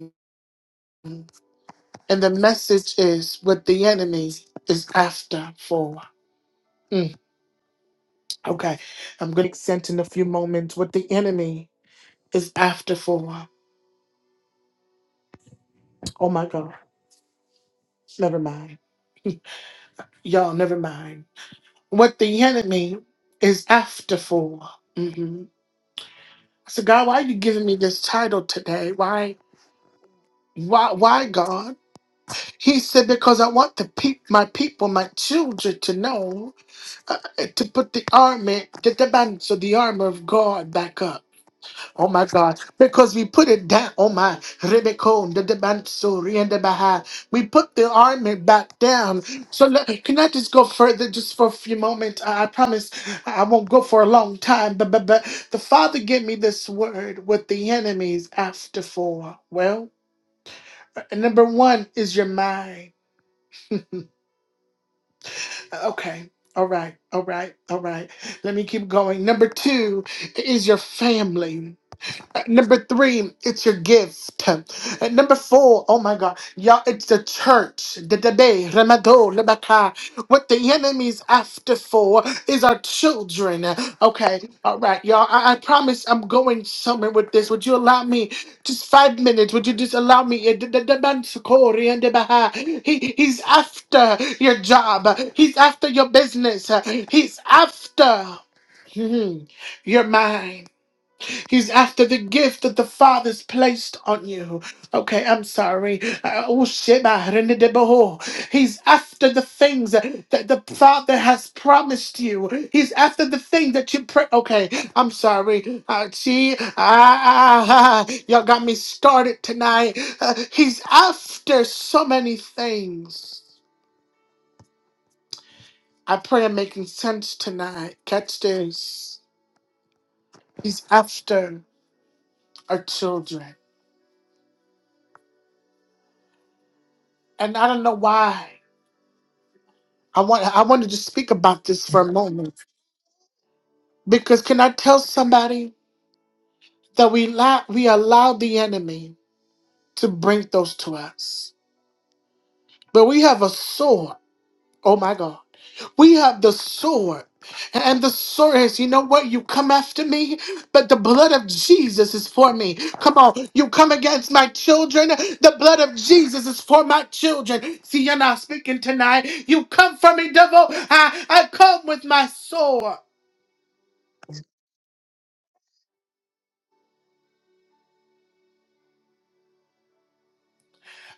Speaker 1: And the message is what the enemy is after for. Mm, okay. I'm going to send in a few moments what the enemy is after for. Oh my God. Never mind. Y'all, never mind. What the enemy is after for. hmm I said, God, why are you giving me this title today? Why? Why, why, God? He said, because I want the peop my people, my children, to know uh, to put the armor, the, the, bands of the armor of God back up. Oh my God, because we put it down. Oh my, Rebekon, the Debansuri and the Baha. We put the army back down. So let, can I just go further just for a few moments? I, I promise I won't go for a long time. But, but, but the Father gave me this word with the enemies after four. Well, uh, number one is your mind. Uh, Okay. All right, all right, all right. Let me keep going. Number two is your family. At Number three, it's your gift. At number four, oh my God, y'all, it's the church. The debate, Ramado, Lebaka. What the enemy's after for is our children. Okay, all right, y'all. I, I promise I'm going somewhere with this. Would you allow me just five minutes? Would you just allow me? Eh, the- the- the man Sukori and the Baha. He, he's after your job, he's after your business, he's after mhm, your mind. He's after the gift that the Father's placed on you. Okay, I'm sorry. Uh, oh, shit, my hand in the bowl. He's after the things that the Father has promised you. He's after the thing that you pray. Okay, I'm sorry. Uh, see, ah, ah, ah, *laughs* y'all got me started tonight. Uh, he's after so many things. I pray I'm making sense tonight. Catch this. He's after our children. And I don't know why. I want I wanted to just speak about this for a moment because can I tell somebody that we allow, we allow the enemy to bring those to us, but we have a sword. Oh my God, we have the sword. And the sword is, you know what? You come after me, but the blood of Jesus is for me. Come on, you come against my children. The blood of Jesus is for my children. See, you're not speaking tonight. You come for me, devil. I, I come with my sword.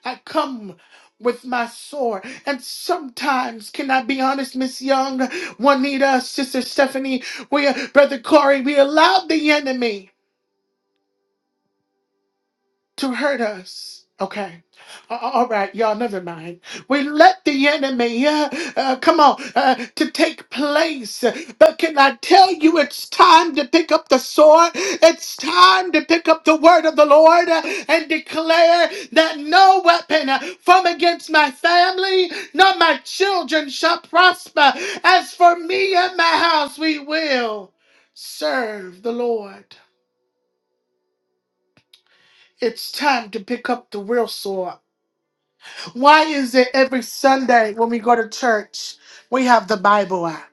Speaker 1: I come with my sword. And sometimes, can I be honest, Miss Young, Juanita, Sister Stephanie, we, Brother Corey, we allowed the enemy to hurt us. Okay. A- alright you All right, y'all, never mind. We let the enemy, uh, uh, come on, uh, to take place. But can I tell you, it's time to pick up the sword. It's time to pick up the word of the Lord uh, and declare that no weapon uh, from against my family, nor my children shall prosper. As for me and my house, we will serve the Lord. It's time to pick up the real sword. Why is it every Sunday when we go to church, we have the Bible app?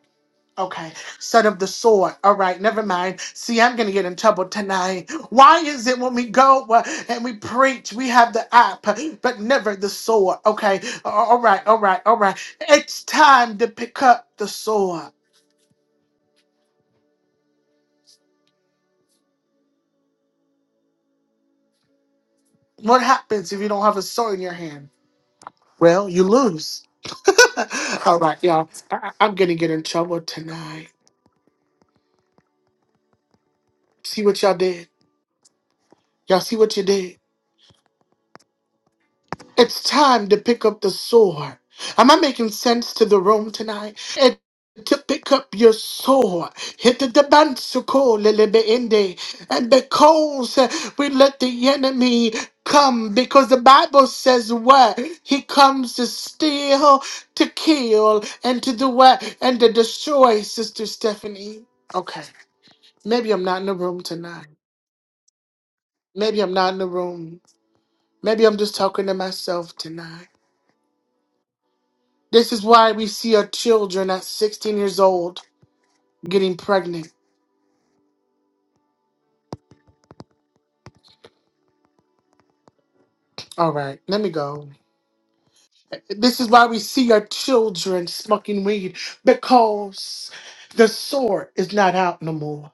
Speaker 1: Okay, set of the sword. All right, never mind. See, I'm going to get in trouble tonight. Why is it when we go uh, and we preach, we have the app, but never the sword? Okay, a- all right, all right, all right. It's time to pick up the sword. What happens if you don't have a sword in your hand? Well, you lose. *laughs* all right, y'all. I- I- I'm going to get in trouble tonight. See what y'all did? Y'all see what you did? It's time to pick up the sword. Am I making sense to the room tonight? It- to pick up your sword, hit the debansuko ende, and because uh, we let the enemy come, because the Bible says what he comes to steal, to kill, and to do what and to destroy. Sister Stephanie, okay, maybe I'm not in the room tonight. Maybe I'm not in the room. Maybe I'm just talking to myself tonight. This is why we see our children at 16 years old getting pregnant. All right, let me go. This is why we see our children smoking weed because the sword is not out no more.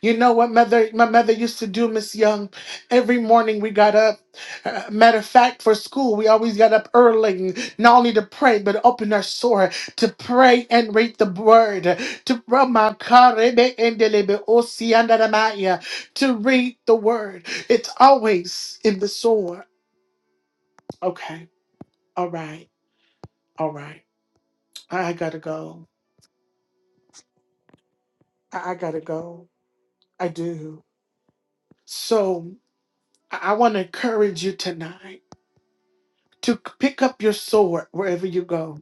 Speaker 1: You know what mother my mother used to do, Miss Young? Every morning we got up. Uh, matter of fact, for school, we always got up early, not only to pray, but open our sore to pray and read the word. To Rama Karebe Endelebe Osiandaramaya, to read the word. It's always in the sore. Okay. All right. All right. I I gotta go. I I gotta go. I do. So I want to encourage you tonight. to c- pick up your sword wherever you go.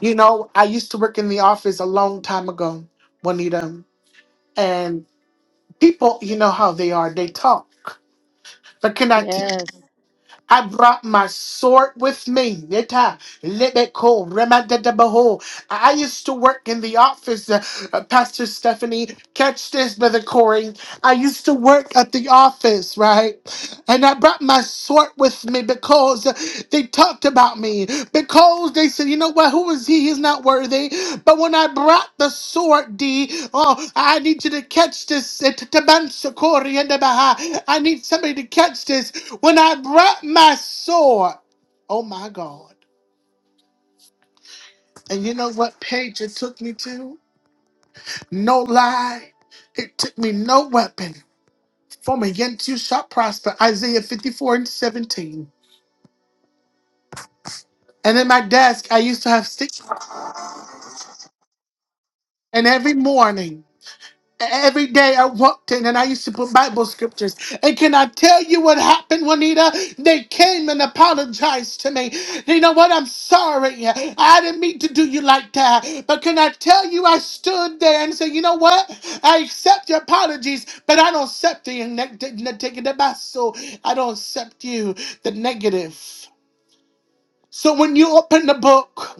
Speaker 1: You know, I used to work in the office a long time ago, Juanita, and people, you know how they are, they talk. But can I? tell
Speaker 5: Yes.
Speaker 1: I brought my sword with me. Yeta, lebeko, remadadabaho. I used to work in the office, uh, uh, Pastor Stephanie. Catch this, Brother Corey. I used to work at the office, right? And I brought my sword with me because they talked about me. Because they said, you know what, who is he? He's not worthy. But when I brought the sword, D, oh, I need you to catch this. I need somebody to catch this. When I brought my sword, oh my God. And you know what page it took me to? No lie. It took me no weapon from against you shall prosper. Isaiah 54 and 17. And in my desk, I used to have sticks. And every morning, Every day I walked in and I used to put Bible scriptures. And can I tell you what happened, Juanita? They came and apologized to me. You know what? I'm sorry. I didn't mean to do you like that. But can I tell you, I stood there and said, you know what? I accept your apologies, but I don't accept the neg- neg- negative. So I don't accept you, the negative. So when you open the book,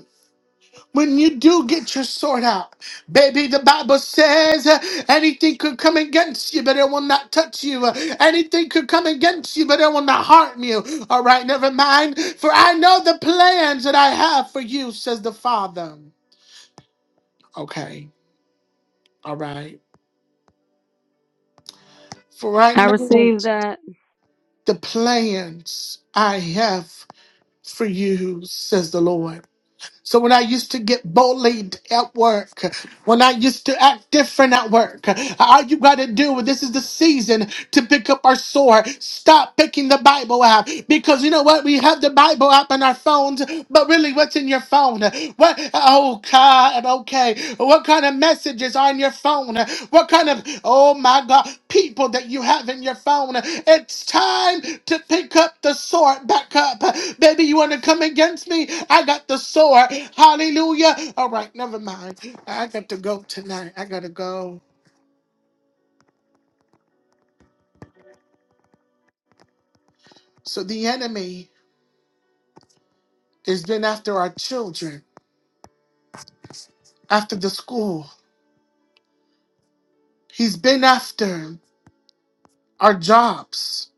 Speaker 1: when you do get your sword out, baby, the Bible says uh, anything could come against you, but it will not touch you. Uh, anything could come against you, but it will not harm you. All right, never mind. For I know the plans that I have for you, says the Father. Okay, all right. For right
Speaker 5: I
Speaker 1: now,
Speaker 5: received that.
Speaker 1: the plans I have for you, says the Lord. So when I used to get bullied at work, when I used to act different at work, all you got to do, this is the season to pick up our sword. Stop picking the Bible app because you know what? We have the Bible app on our phones, but really, what's in your phone? What? Oh God, okay. What kind of messages are in your phone? What kind of oh my God people that you have in your phone? It's time to pick up the sword back up, baby. You want to come against me? I got the sword. Hallelujah. All right, never mind. I got to go tonight. I gotta go. So the enemy. He's been after our children, after the school. He's been after our jobs,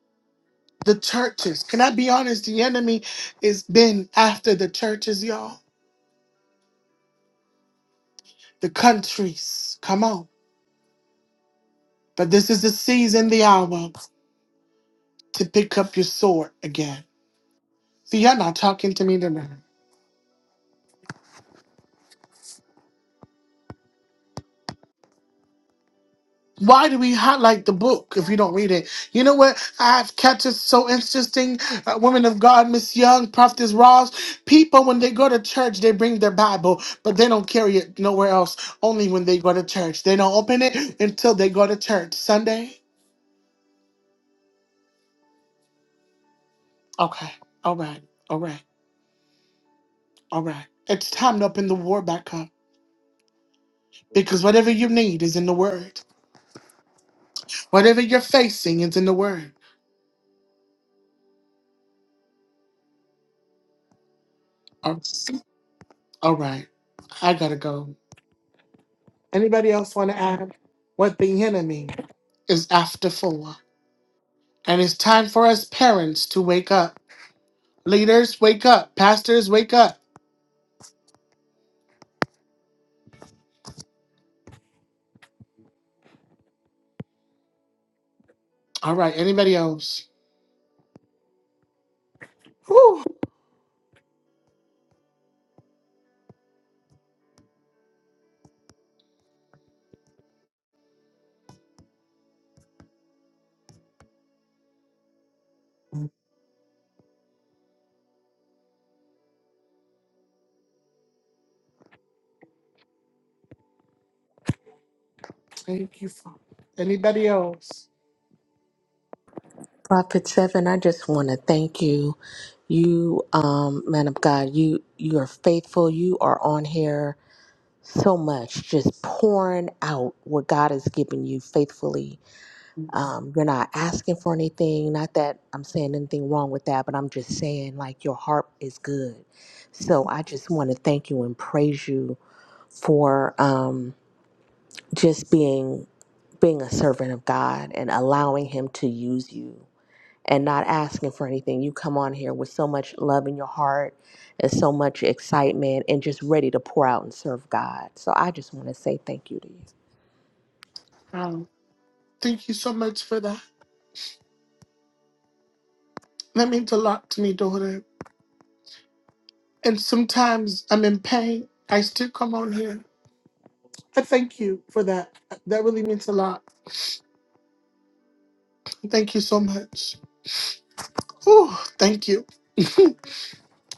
Speaker 1: the churches. Can I be honest? The enemy has been after the churches, y'all, the countries. Come on. But this is the season, the hour to pick up your sword again. See, y'all not talking to me tonight. Why do we highlight the book if you don't read it? You know what I have catch is so interesting? Uh, women of God, Miss Young, Prophetess Ross, people when they go to church, they bring their Bible, but they don't carry it nowhere else, only when they go to church. They don't open it until they go to church. Sunday? Okay. All right. All right. All right. It's time to open the war back up because whatever you need is in the Word. Whatever you're facing is in the Word. All right. all right. I gotta go. Anybody else want to add what the enemy is after for? And it's time for us parents to wake up. Leaders, wake up. Pastors, wake up. All right. Anybody else? Whew. Thank you, Father. Anybody else?
Speaker 2: Prophet Seven, I just want to thank you. You, um, man of God, you you are faithful. You are on here so much, just pouring out what God has given you faithfully. Um, you're not asking for anything. Not that I'm saying anything wrong with that, but I'm just saying like your heart is good. So I just want to thank you and praise you for um, just being being a servant of God and allowing Him to use you and not asking for anything. You come on here with so much love in your heart and so much excitement and just ready to pour out and serve God. So I just want to say thank you to you.
Speaker 1: Um, thank you so much for that. That means a lot to me, daughter. And sometimes I'm in pain. I still come on here. I thank you for that. That really means a lot. Thank you so much. Whew. Thank you.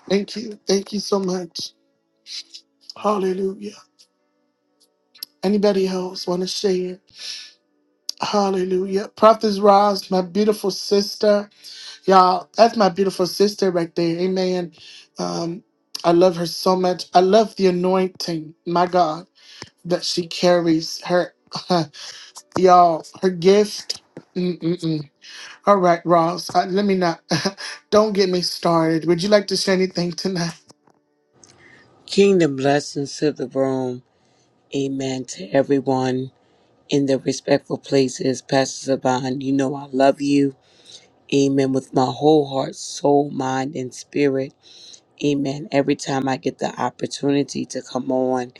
Speaker 1: Thank you. Thank you so much. Hallelujah. Anybody else want to share? Hallelujah. Prophetess Roz, my beautiful sister. Y'all, that's my beautiful sister right there. Amen. Um, I love her so much. I love the anointing, my God, that she carries. Her, *laughs* y'all, her gift. Mm-mm-mm. All right, Roz, uh, let me not. *laughs* don't get me started. Would you like to share anything tonight?
Speaker 6: Kingdom blessings to the room. Amen to everyone in their respectful places. Pastor Saban, you know I love you. Amen. With my whole heart, soul, mind, and spirit. Amen. Every time I get the opportunity to come on.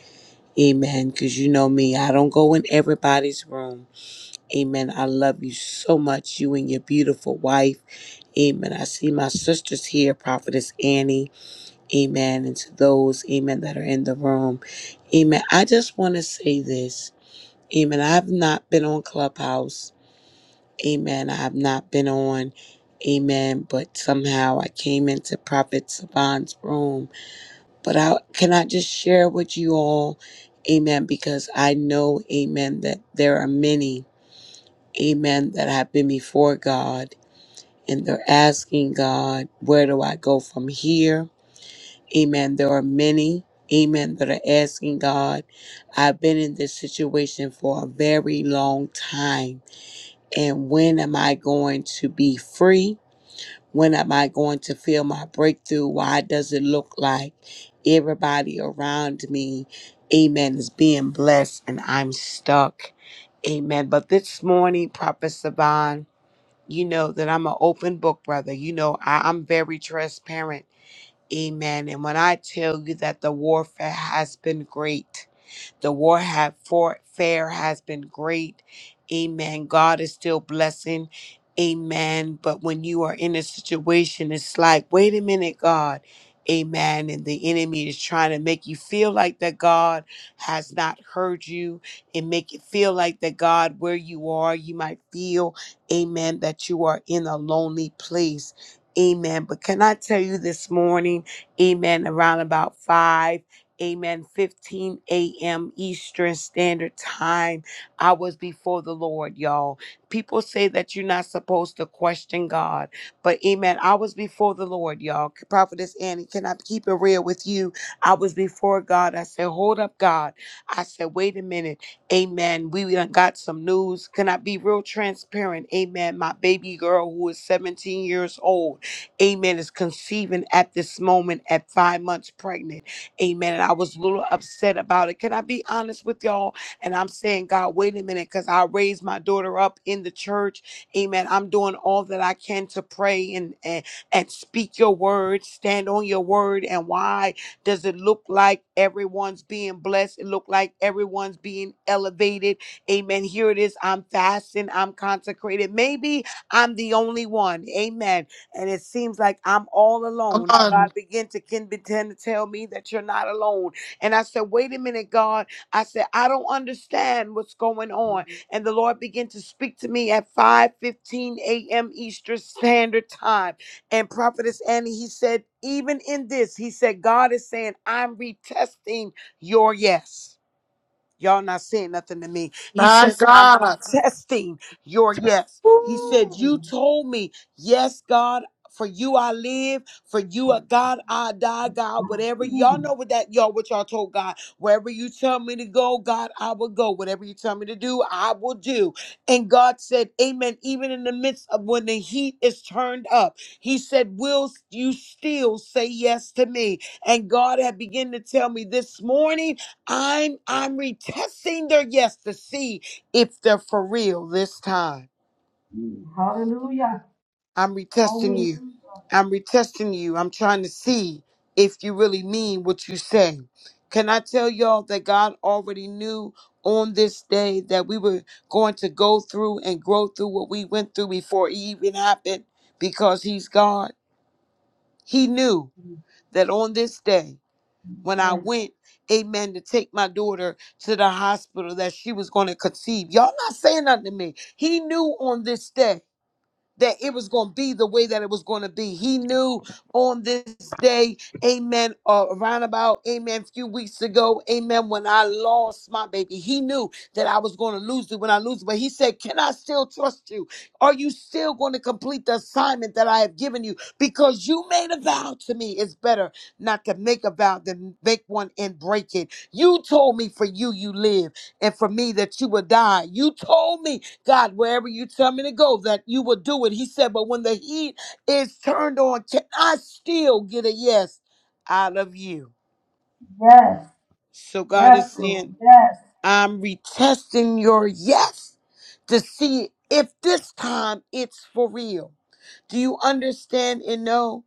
Speaker 6: Amen. Because you know me, I don't go in everybody's room. Amen. I love you so much, you and your beautiful wife. Amen. I see my sisters here, Prophetess Annie. Amen. And to those, amen, that are in the room. Amen. I just want to say this. Amen. I've not been on Clubhouse. Amen. I have not been on. Amen. But somehow I came into Prophet Savan's room. But I can I just share with you all. Amen. Because I know, amen, that there are many, amen, that have been before God and they're asking God, where do I go from here? Amen. There are many, amen, that are asking God. I've been in this situation for a very long time. And when am I going to be free? When am I going to feel my breakthrough? Why does it look like everybody around me, amen, is being blessed and I'm stuck? Amen. But this morning, Prophet Savan, you know that I'm an open book, brother. You know, I, I'm very transparent Amen. And when I tell you that the warfare has been great, the war have warfare has been great. Amen. God is still blessing. Amen. But when you are in a situation, it's like, wait a minute, God. Amen. And the enemy is trying to make you feel like that God has not heard you and make it feel like that God, where you are, you might feel, amen, that you are in a lonely place. Amen. But can I tell you this morning, amen, around about 5? Amen. 15 a.m. Eastern Standard Time. I was before the Lord, y'all. People say that you're not supposed to question God, but amen. I was before the Lord, y'all. Prophetess Annie, can I keep it real with you? I was before God. I said, Hold up, God. I said, Wait a minute. Amen. We done got some news. Can I be real transparent? Amen. My baby girl, who is 17 years old, amen, is conceiving at this moment at five months pregnant. Amen. And I was a little upset about it. Can I be honest with y'all? And I'm saying, God, wait a minute, because I raised my daughter up in the church. Amen. I'm doing all that I can to pray and, and, and speak your word, stand on your word. And why does it look like everyone's being blessed? It look like everyone's being elevated. Amen. Here it is. I'm fasting. I'm consecrated. Maybe I'm the only one. Amen and it seems like I'm all
Speaker 1: Come
Speaker 6: alone.
Speaker 1: on.
Speaker 6: God began to can begin to tell me that you're not alone. And I said, wait a minute, God. I said, I don't understand what's going on. And the Lord began to speak to me at 5:15 a.m. Eastern Standard Time. And Prophetess Annie, he said, even in this, he said, God is saying, I'm retesting your yes. Y'all not saying nothing to me. He
Speaker 1: My
Speaker 6: says, I'm
Speaker 1: God.
Speaker 6: retesting your yes. He said,
Speaker 1: Woo.
Speaker 6: You told me, yes, God, for you I live, for you uh, God, I die, God, whatever. Y'all know what that y'all what y'all told God. Wherever you tell me to go, God, I will go. Whatever you tell me to do, I will do. And God said, Amen. Even in the midst of when the heat is turned up, He said, Will you still say yes to me? And God had begun to tell me this morning I'm I'm retesting their yes to see if they're for real this time.
Speaker 7: Hallelujah.
Speaker 6: I'm retesting you.
Speaker 7: Hallelujah.
Speaker 6: I'm retesting you. I'm trying to see if you really mean what you say. Can I tell y'all that God already knew on this day that we were going to go through and grow through what we went through before it even happened because he's God. He knew that on this day when I
Speaker 7: Amen.
Speaker 6: went, amen, to take my daughter to the hospital that she was going to conceive. Y'all not saying nothing to me. He knew on this day that it was going to be the way that it was going to be. He knew on this day, amen, uh, around about, amen, a few weeks ago, amen, when I lost my baby, he knew that I was going to lose you when I lose you. But he said, Can I still trust you? Are you still going to complete the assignment that I have given you? Because you made a vow to me. It's better not to make a vow than make one and break it. You told me for you, you live, and for me that you would die. You told me God, wherever you tell me to go, that you will do it. He said, but when the heat is turned on, can I still get a yes out of you?
Speaker 7: Yes.
Speaker 6: So God is
Speaker 7: Yes, Lord.
Speaker 6: saying,
Speaker 7: Yes.
Speaker 6: I'm retesting your yes to see if this time it's for real. Do you understand and know?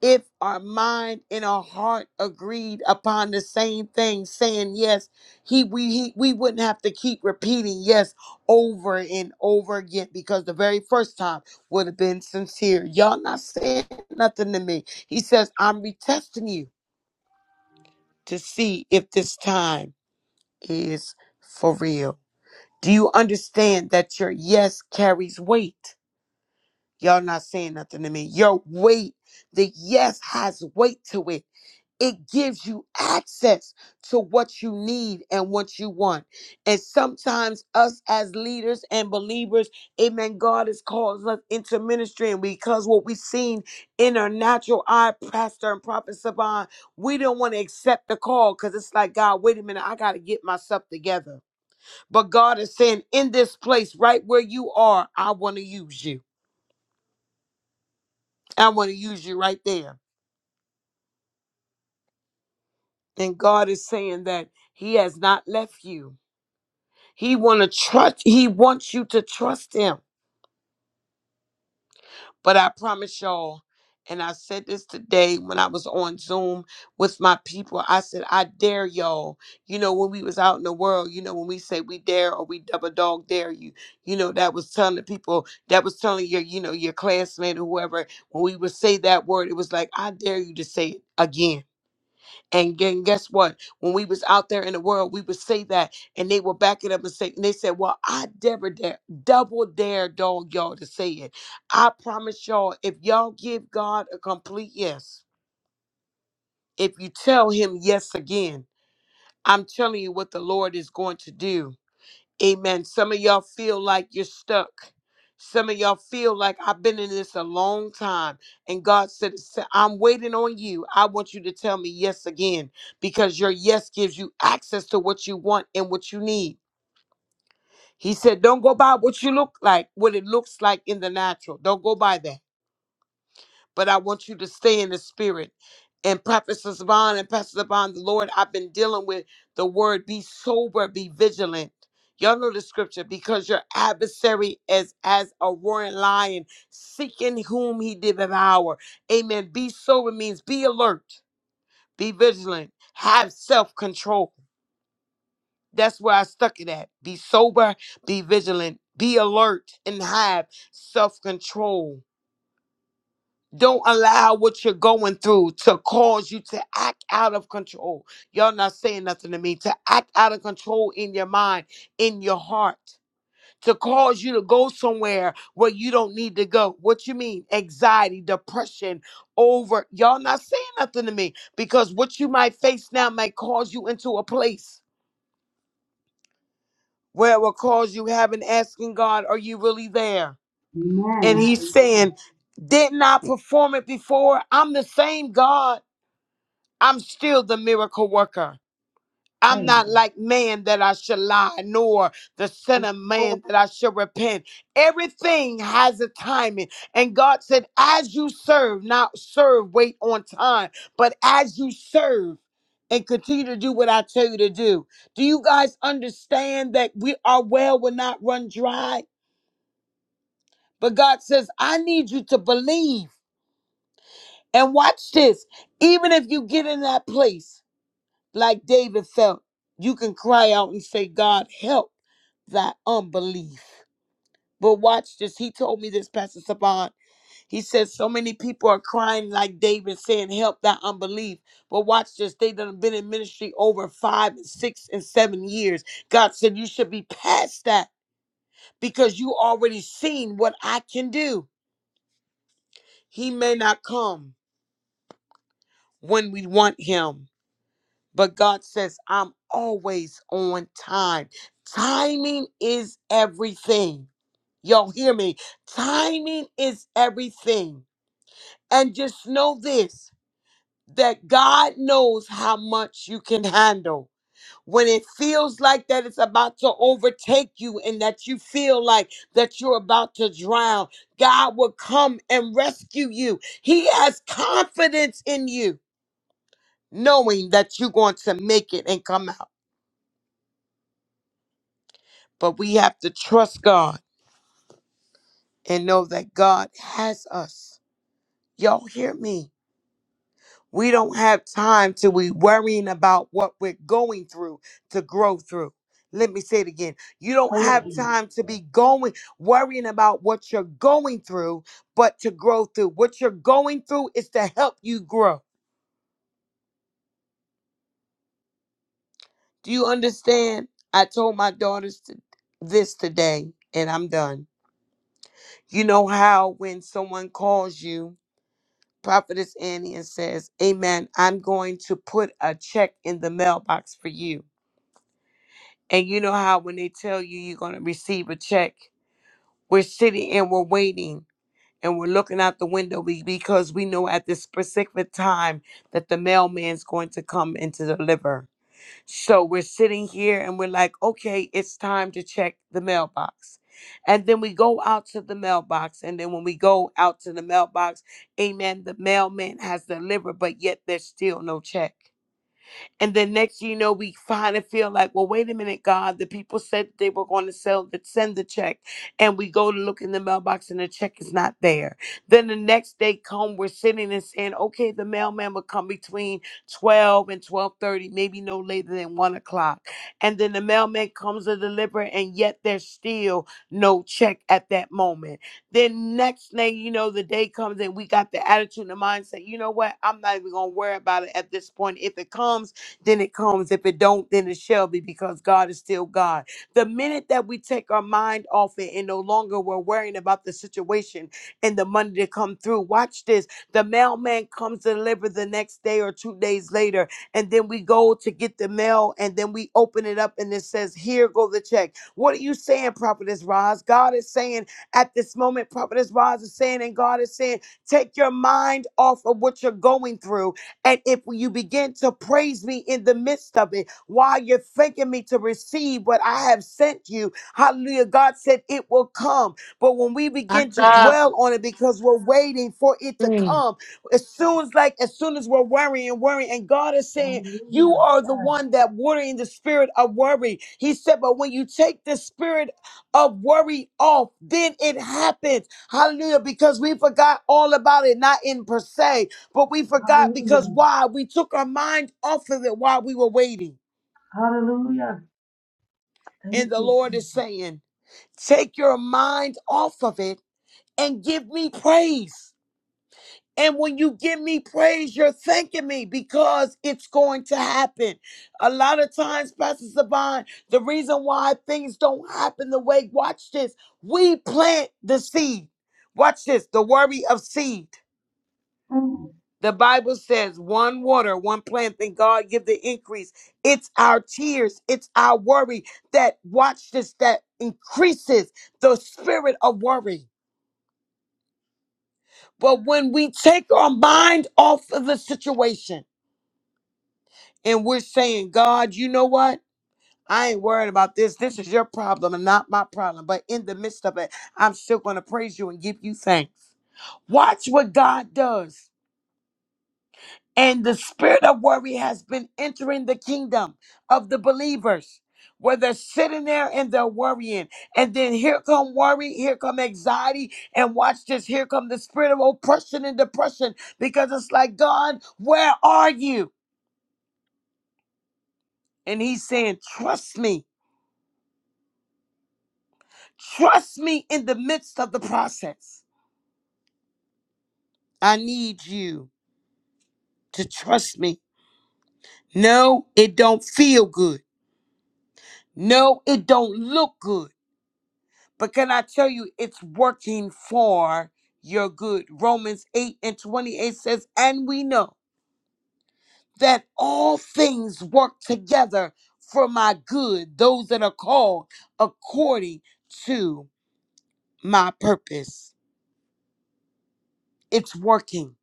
Speaker 6: if our mind and our heart agreed upon the same thing saying yes he we he, we wouldn't have to keep repeating yes over and over again because the very first time would have been sincere y'all not saying nothing to me he says i'm retesting you to see if this time is for real do you understand that your yes carries weight y'all not saying nothing to me your weight the yes has weight to it it gives you access to what you need and what you want. And sometimes, us as leaders and believers, amen, God has called us into ministry. And because what we've seen in our natural eye, Pastor and Prophet Saban, we don't want to accept the call because it's like, God, wait a minute, I got to get myself together. But God is saying, in this place, right where you are, I want to use you. I want to use you right there. And God is saying that He has not left you. He wanna trust he wants you to trust him. But I promise y'all, and I said this today when I was on Zoom with my people, I said, I dare y'all. You know, when we was out in the world, you know, when we say we dare or we double dog dare you, you know, that was telling the people, that was telling your, you know, your classmate or whoever, when we would say that word, it was like, I dare you to say it again. And gu- guess what? When we was out there in the world, we would say that, and they would back it up and say, and they said, "Well, I never dare, double dare, dog y'all to say it. I promise y'all, if y'all give God a complete yes, if you tell Him yes again, I'm telling you what the Lord is going to do." Amen. Some of y'all feel like you're stuck. Some of y'all feel like I've been in this a long time. And God said, "S- I'm waiting on you. I want you to tell me yes again because your yes gives you access to what you want and what you need. He said, Don't go by what you look like, what it looks like in the natural. Don't go by that but I want you to stay in the spirit. And Prophet Saban and Pastor Saban, the Lord, I've been dealing with the word be sober, be vigilant. Y'all know the scripture because your adversary is as a roaring lion, seeking whom he did devour. Amen. Be sober means be alert, be vigilant, have self control. That's where I stuck it at. Be sober, be vigilant, be alert, and have self control Don't allow what you're going through to cause you to act out of control. Y'all not saying nothing to me. To act out of control in your mind, in your heart, to cause you to go somewhere where you don't need to go. What you mean? Anxiety, depression, over. Y'all not saying nothing to me because what you might face now might cause you into a place where it will cause you having asking God, are you really there? And
Speaker 7: Amen.
Speaker 6: He's
Speaker 7: Amen.
Speaker 6: saying, didn't I perform it before? I'm the same God. I'm still the miracle worker. I'm
Speaker 7: Thank
Speaker 6: not
Speaker 7: you.
Speaker 6: like man that I should lie, nor the son of
Speaker 1: Oh,
Speaker 6: man that I should repent. Everything has a timing. And God said, as you serve, not serve, wait on time, but as you serve and continue to do what I tell you to do. Do you guys understand that we our well will not run dry? But God says, I need you to believe. And watch this. Even if you get in that place Like David felt, you can cry out and say, God, help thy unbelief. But watch this. He told me this, Pastor Saban. He says so many people are crying like David, saying, Help thy unbelief. But watch this. They done been in ministry over five and six and seven years. God said you should be past that because you already seen what I can do. He may not come when we want him But God says, I'm always on time. Timing is everything. Y'all hear me? Timing is everything. And just know this that God knows how much you can handle. When it feels like that it's about to overtake you and that you feel like that you're about to drown, God will come and rescue you. He has confidence in you, knowing that you're going to make it and come out. But we have to trust God and know that God has us. Y'all hear me? We don't have time to be worrying about what we're going through to grow through. Let me say it again. You don't
Speaker 7: Pray
Speaker 6: have
Speaker 7: to
Speaker 6: time to
Speaker 7: God.
Speaker 6: be going worrying about what you're going through, but to grow through. What you're going through is to help you grow. Do you understand? I told my daughters to, this today, and I'm done. You know how when someone calls you Prophetess Annie and says, Amen. I'm going to put a check in the mailbox for you. And you know how when they tell you you're going to receive a check, we're sitting and we're waiting and we're looking out the window be- because we know at this specific time that the mailman's going to come and to deliver. So we're sitting here and we're like, okay, it's time to check the mailbox. And then we go out to the mailbox. And then when we go out to the mailbox, amen, the mailman has delivered, but yet there's still no check. And then next thing you know, we find and feel like, well, wait a minute, God, the people said they were going to sell the send the check. And we go to look in the mailbox and the check is not there. Then the next day come, we're sitting and saying, okay, the mailman will come between 12 and 1230, maybe no later than one o'clock. And then the mailman comes to deliver, and yet there's still no check at that moment. Then next thing you know, the day comes and we got the attitude and the mindset, you know what? I'm not even gonna worry about it at this point. If it comes then it comes. If it don't, then it shall be because God is still God. The minute that we take our mind off it and no longer we're worrying about the situation and the money to come through, watch this. The mailman comes to deliver the next day or two days later, and then we go to get the mail and then we open it up and it says, Here go the check. What are you saying, Prophetess Roz? God is saying at this moment, Prophetess Roz is saying, and God is saying, take your mind off of what you're going through and if you begin to praise me in the midst of it, while you're thanking me to receive what I have sent you, hallelujah, God said it will come. But when we
Speaker 1: my
Speaker 6: begin to
Speaker 1: God.
Speaker 6: dwell on it because we're waiting for it to
Speaker 1: Mm,
Speaker 6: come, as soon as like as soon as we're worrying and worrying, and God is saying, You
Speaker 7: Hallelujah.
Speaker 6: are the
Speaker 7: Yes.
Speaker 6: one that watering the spirit of worry. He said, But when you take the spirit of worry off, then it happens. Hallelujah, because we forgot all about it, not in per se. But we forgot because
Speaker 7: Hallelujah.
Speaker 6: why? We took our mind off of it while we were waiting.
Speaker 7: Hallelujah. Thank
Speaker 6: And the
Speaker 7: you.
Speaker 6: Lord
Speaker 7: Jesus.
Speaker 6: is saying, take your mind off of it and give me praise. And when you give me praise, you're thanking me because it's going to happen. A lot of times, Pastor Saban, the reason why things don't happen the way, watch this, we plant the seed. Watch this, the worry of seed.
Speaker 7: Mm.
Speaker 6: The Bible says one water, one plant, then God give the increase. It's our tears, it's our worry that watch this that increases the spirit of worry. But when we take our mind off of the situation and we're saying, God, you know what? I ain't worried about this. This is your problem and not my problem. But in the midst of it, I'm still going to praise you and give you thanks. Watch what God does. And the spirit of worry has been entering the kingdom of the believers. Where they're sitting there and they're worrying. And then here come worry, here come anxiety, and watch this, here come the spirit of oppression and depression. Because it's like, God, where are you? And he's saying, Trust me. Trust me in the midst of the process. I need you to trust me. No, it don't feel good. No, it don't look good. But can I tell you, it's working for your good. Romans 8 and 28 says, And we know that all things work together for my good, those that are called according to my purpose. It's working.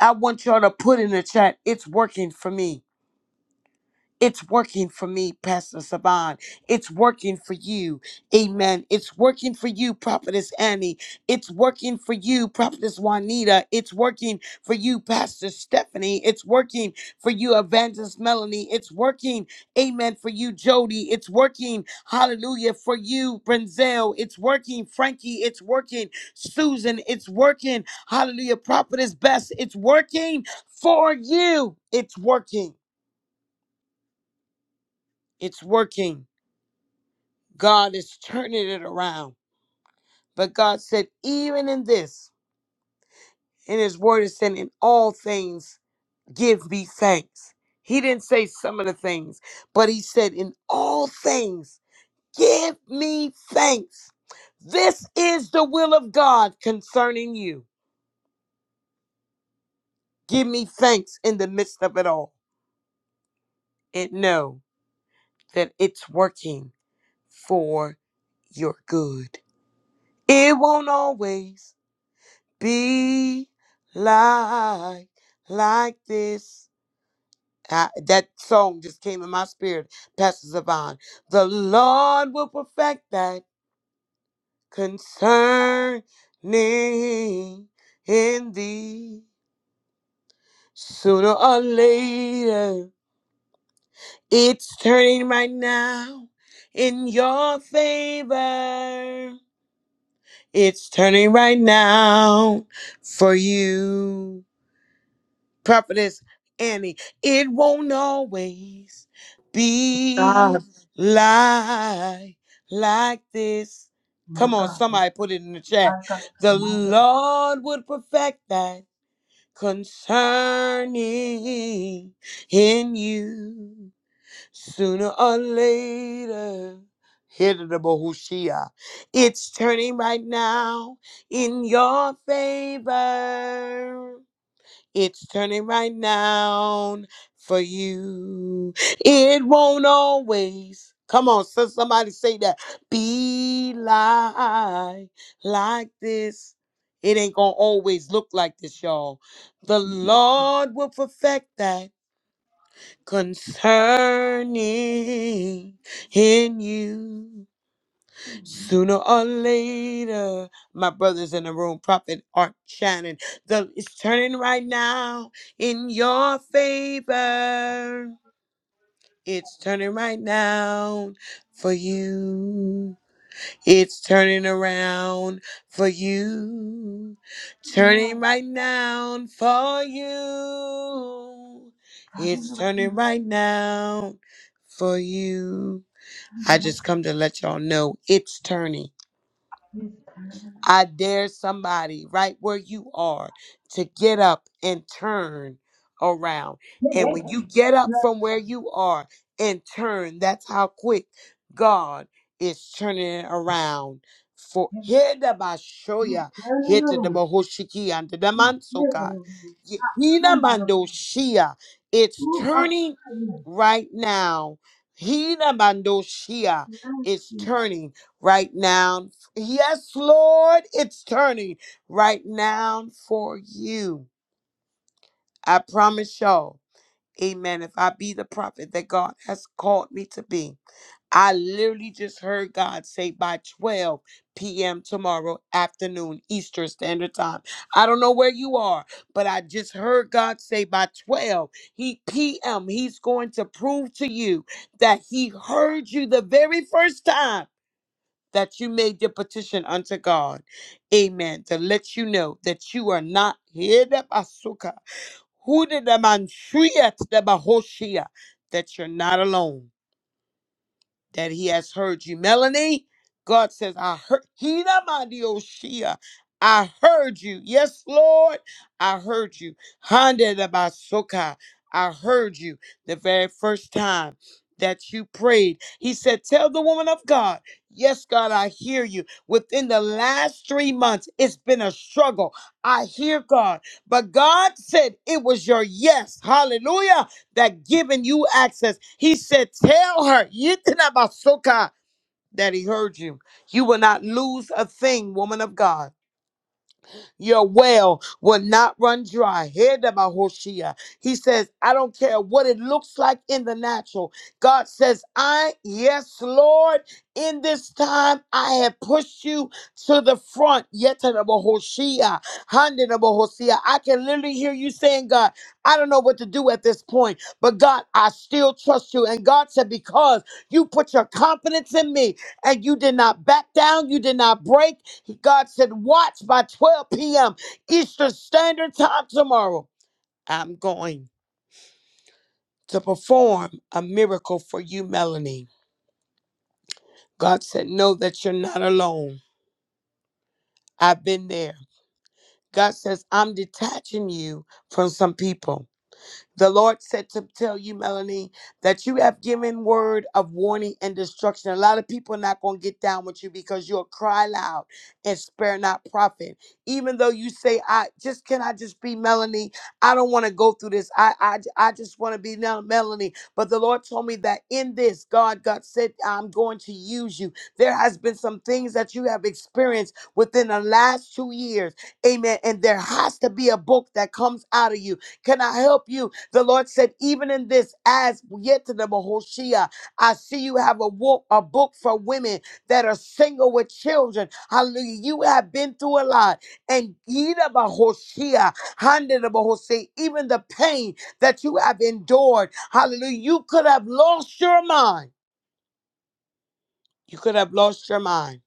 Speaker 6: I want y'all to put in the chat, it's working for me It's working for me, Pastor Saban. It's working for you. Amen. It's working for you, Prophetess Annie. It's working for you, Prophetess Juanita. It's working for you, Pastor Stephanie. It's working for you, Evangelist Melanie. It's working, amen, for you, Jody. It's working, hallelujah, for you, Brenzel. It's working, Frankie. It's working, Susan. It's working, hallelujah, Prophetess Bess. It's working for you. It's working. It's working. God is turning it around. But God said, even in this, in His Word, it said, in all things, give me thanks. He didn't say some of the things, but He said, in all things, give me thanks. This is the will of God concerning you. Give me thanks in the midst of it all and know that it's working for your good. It won't always. be like like this. I- that song just came in my spirit, Pastor Zavon. The Lord will perfect that concerning in thee. Sooner or later, it's turning right now in your favor. It's turning right now for you. Prophetess Annie, it won't always
Speaker 1: God.
Speaker 6: be like like this.
Speaker 7: My
Speaker 6: Come on,
Speaker 7: God.
Speaker 6: somebody put it in the
Speaker 7: My
Speaker 6: chat.
Speaker 7: God.
Speaker 6: The
Speaker 7: My God.
Speaker 6: Lord would perfect that concerning in you sooner or later. Hit it, Bahushia. It's turning right now in your favor. It's turning right now for you. It won't always. Come on, so somebody say that. Be like, like this. It ain't gonna always look like this, y'all. The
Speaker 7: My God.
Speaker 6: Lord will perfect that concerning in you. Sooner or later, my brothers in the room, Prophet Art Shannon, the, it's turning right now in your favor. It's turning right now for you. It's turning around for you.
Speaker 7: Yes.
Speaker 6: Turning right now for you. It's
Speaker 7: Hallelujah.
Speaker 6: turning right now for you. I just
Speaker 7: Hallelujah.
Speaker 6: come to let y'all know it's turning.
Speaker 7: Yes. Hallelujah.
Speaker 6: I dare somebody right where you are to get up and turn around.
Speaker 7: Yes.
Speaker 6: And when
Speaker 7: Yes.
Speaker 6: you get up
Speaker 7: Yes.
Speaker 6: from where you are and turn, that's how quick God is turning it around. For
Speaker 7: Yes.
Speaker 6: here the
Speaker 7: Yes.
Speaker 6: Bashoya, here
Speaker 7: Yes.
Speaker 6: to the
Speaker 7: Yes.
Speaker 6: Bahoshiki and the Mansoka,
Speaker 7: Lögun:
Speaker 6: Hina
Speaker 7: Framrúða.
Speaker 6: Mandoshia. It's turning right now. Hina Mandoshia. It's turning right now Yes, Lord, it's turning right now for you. I promise y'all. Amen. If I be the prophet that God has called me to be, I literally just heard God say by 12 p.m. tomorrow afternoon, Eastern Standard Time. I don't know where you are, but I just heard God say by 12 he, p.m., He's going to prove to you that He heard you the very first time that you made your petition unto God. Amen. To let you know that you are not here the basuka. Who did the man shriek the man that you're not alone that he has heard you. Melanie, God says, I heard Hina Mandioshia. I heard you. Yes, Lord, I heard you. Hande de Basoka, I heard you the very first time that you prayed. He said, Tell the woman of God, yes, God, I hear you. Within the last three months, it's been a struggle. I hear God. But God said it was your yes. Hallelujah that given you access. He said, Tell her *laughs* "Yitnabasoka," that he heard you. You will not lose a thing, woman of God. Your well will not run dry. Hedabahoshia. He says, I don't care what it looks like in the natural. God says, I, yes, Lord, in this time I have pushed you to the front. Yetadabahoshia. Handadabahoshia. I can literally hear you saying, God, I don't know what to do at this point, but God, I still trust you. And God said, because you put your confidence in me and you did not back down, you did not break. God said, watch by 12 p.m. Eastern Standard Time tomorrow. I'm going to perform a miracle for you, Melanie. God said, know that you're not alone. I've been there. God says, I'm detaching you from some people. The Lord said to tell you, Melanie, that you have given word of warning and destruction. A lot of people are not going to get down with you because you'll cry loud and spare not profit. Even though you say, I just can I just be Melanie? I don't want to go through this. I I, I just want to be now Melanie. But the Lord told me that in this, God, God said, I'm going to use you. There has been some things that you have experienced within the last two years. Amen. And there has to be a book that comes out of you can I help you? The Lord said, even in this, as yet to the Mahoshia, I see you have a, wo- a book for women that are single with children. Hallelujah. You have been through a lot. And Yida Mahoshia, Handa the Mahoshia, even the pain that you have endured. Hallelujah. You could have lost your mind. You could have lost your mind.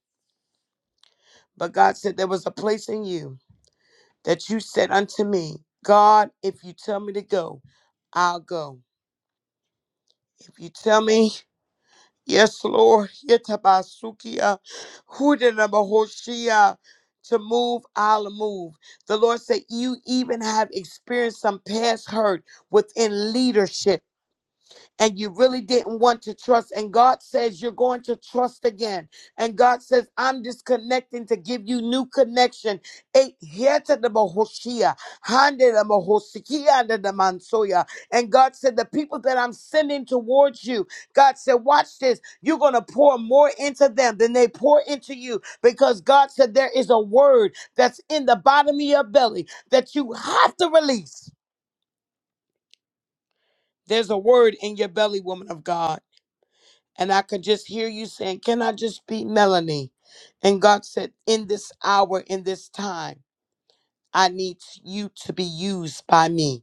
Speaker 6: But God said, there was a place in you that you said unto me, God, if you tell me to go, I'll go. If you tell me Yes, Lord. Yetabasukia, Hudanabahoshia, To move, I'll move. The Lord said, You even have experienced some past hurt within leadership and you really didn't want to trust. And God says you're going to trust again. And God says, I'm disconnecting to give you new connection. Eh, hieta de bohoshia, hande de bohosikia de de mansoya. And God said, The people that I'm sending towards you, God said, Watch this. You're going to pour more into them than they pour into you because God said, There is a word that's in the bottom of your belly that you have to release. There's a word in your belly, woman of God And I could just hear you saying, Can I just be Melanie? And God said, In this hour, in this time, I need you to be used by me.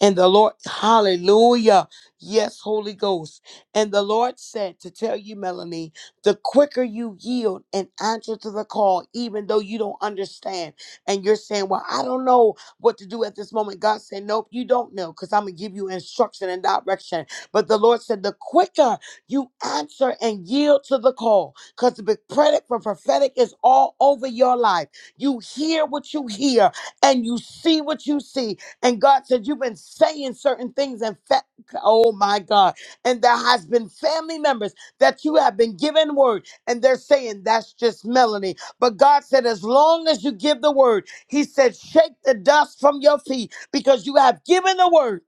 Speaker 6: And the Lord, hallelujah. Yes, Holy Ghost. And the Lord said to tell you, Melanie, the quicker you yield and answer to the call, even though you don't understand, and you're saying, Well, I don't know what to do at this moment. God said, Nope, you don't know, because I'm going to give you instruction and direction. But the Lord said, The quicker you answer and yield to the call, because the credit for prophetic is all over your life. You hear what you hear, and you see what you see, and God said, You've been saying certain things, and fa- oh my God. And there has been family members that you have been given word, and they're saying, That's just Melanie. But God said, As long as you give the word, He said, Shake the dust from your feet because you have given the word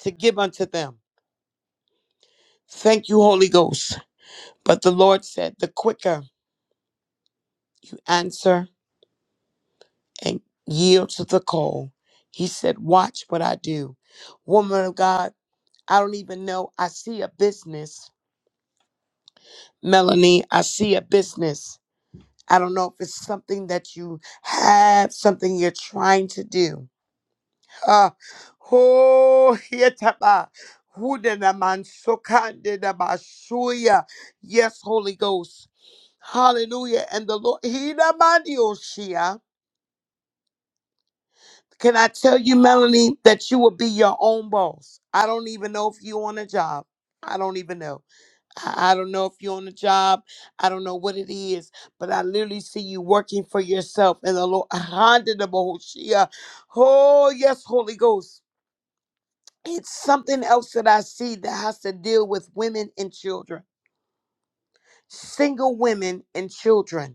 Speaker 6: to give unto them. Thank you, Holy Ghost. But the Lord said, The quicker you answer and yield to the call, He said, Watch what I do. Woman of God, I don't even know. I see a business. Melanie, I see a business. I don't know if it's something that you have, something you're trying to do. Uh, oh, yetaba, hudena mansokandena basuya. yes, Holy Ghost. Hallelujah. And the Lord, Hina mandioshia. Can I tell you, Melanie, that you will be your own boss? I don't even know if you on a job. I don't even know. I I don't know if you're on a job. I don't know what it is, but I literally see you working for yourself and the Lord. *laughs* Oh, yes, Holy Ghost. It's something else that I see that has to deal with women and children, single women and children.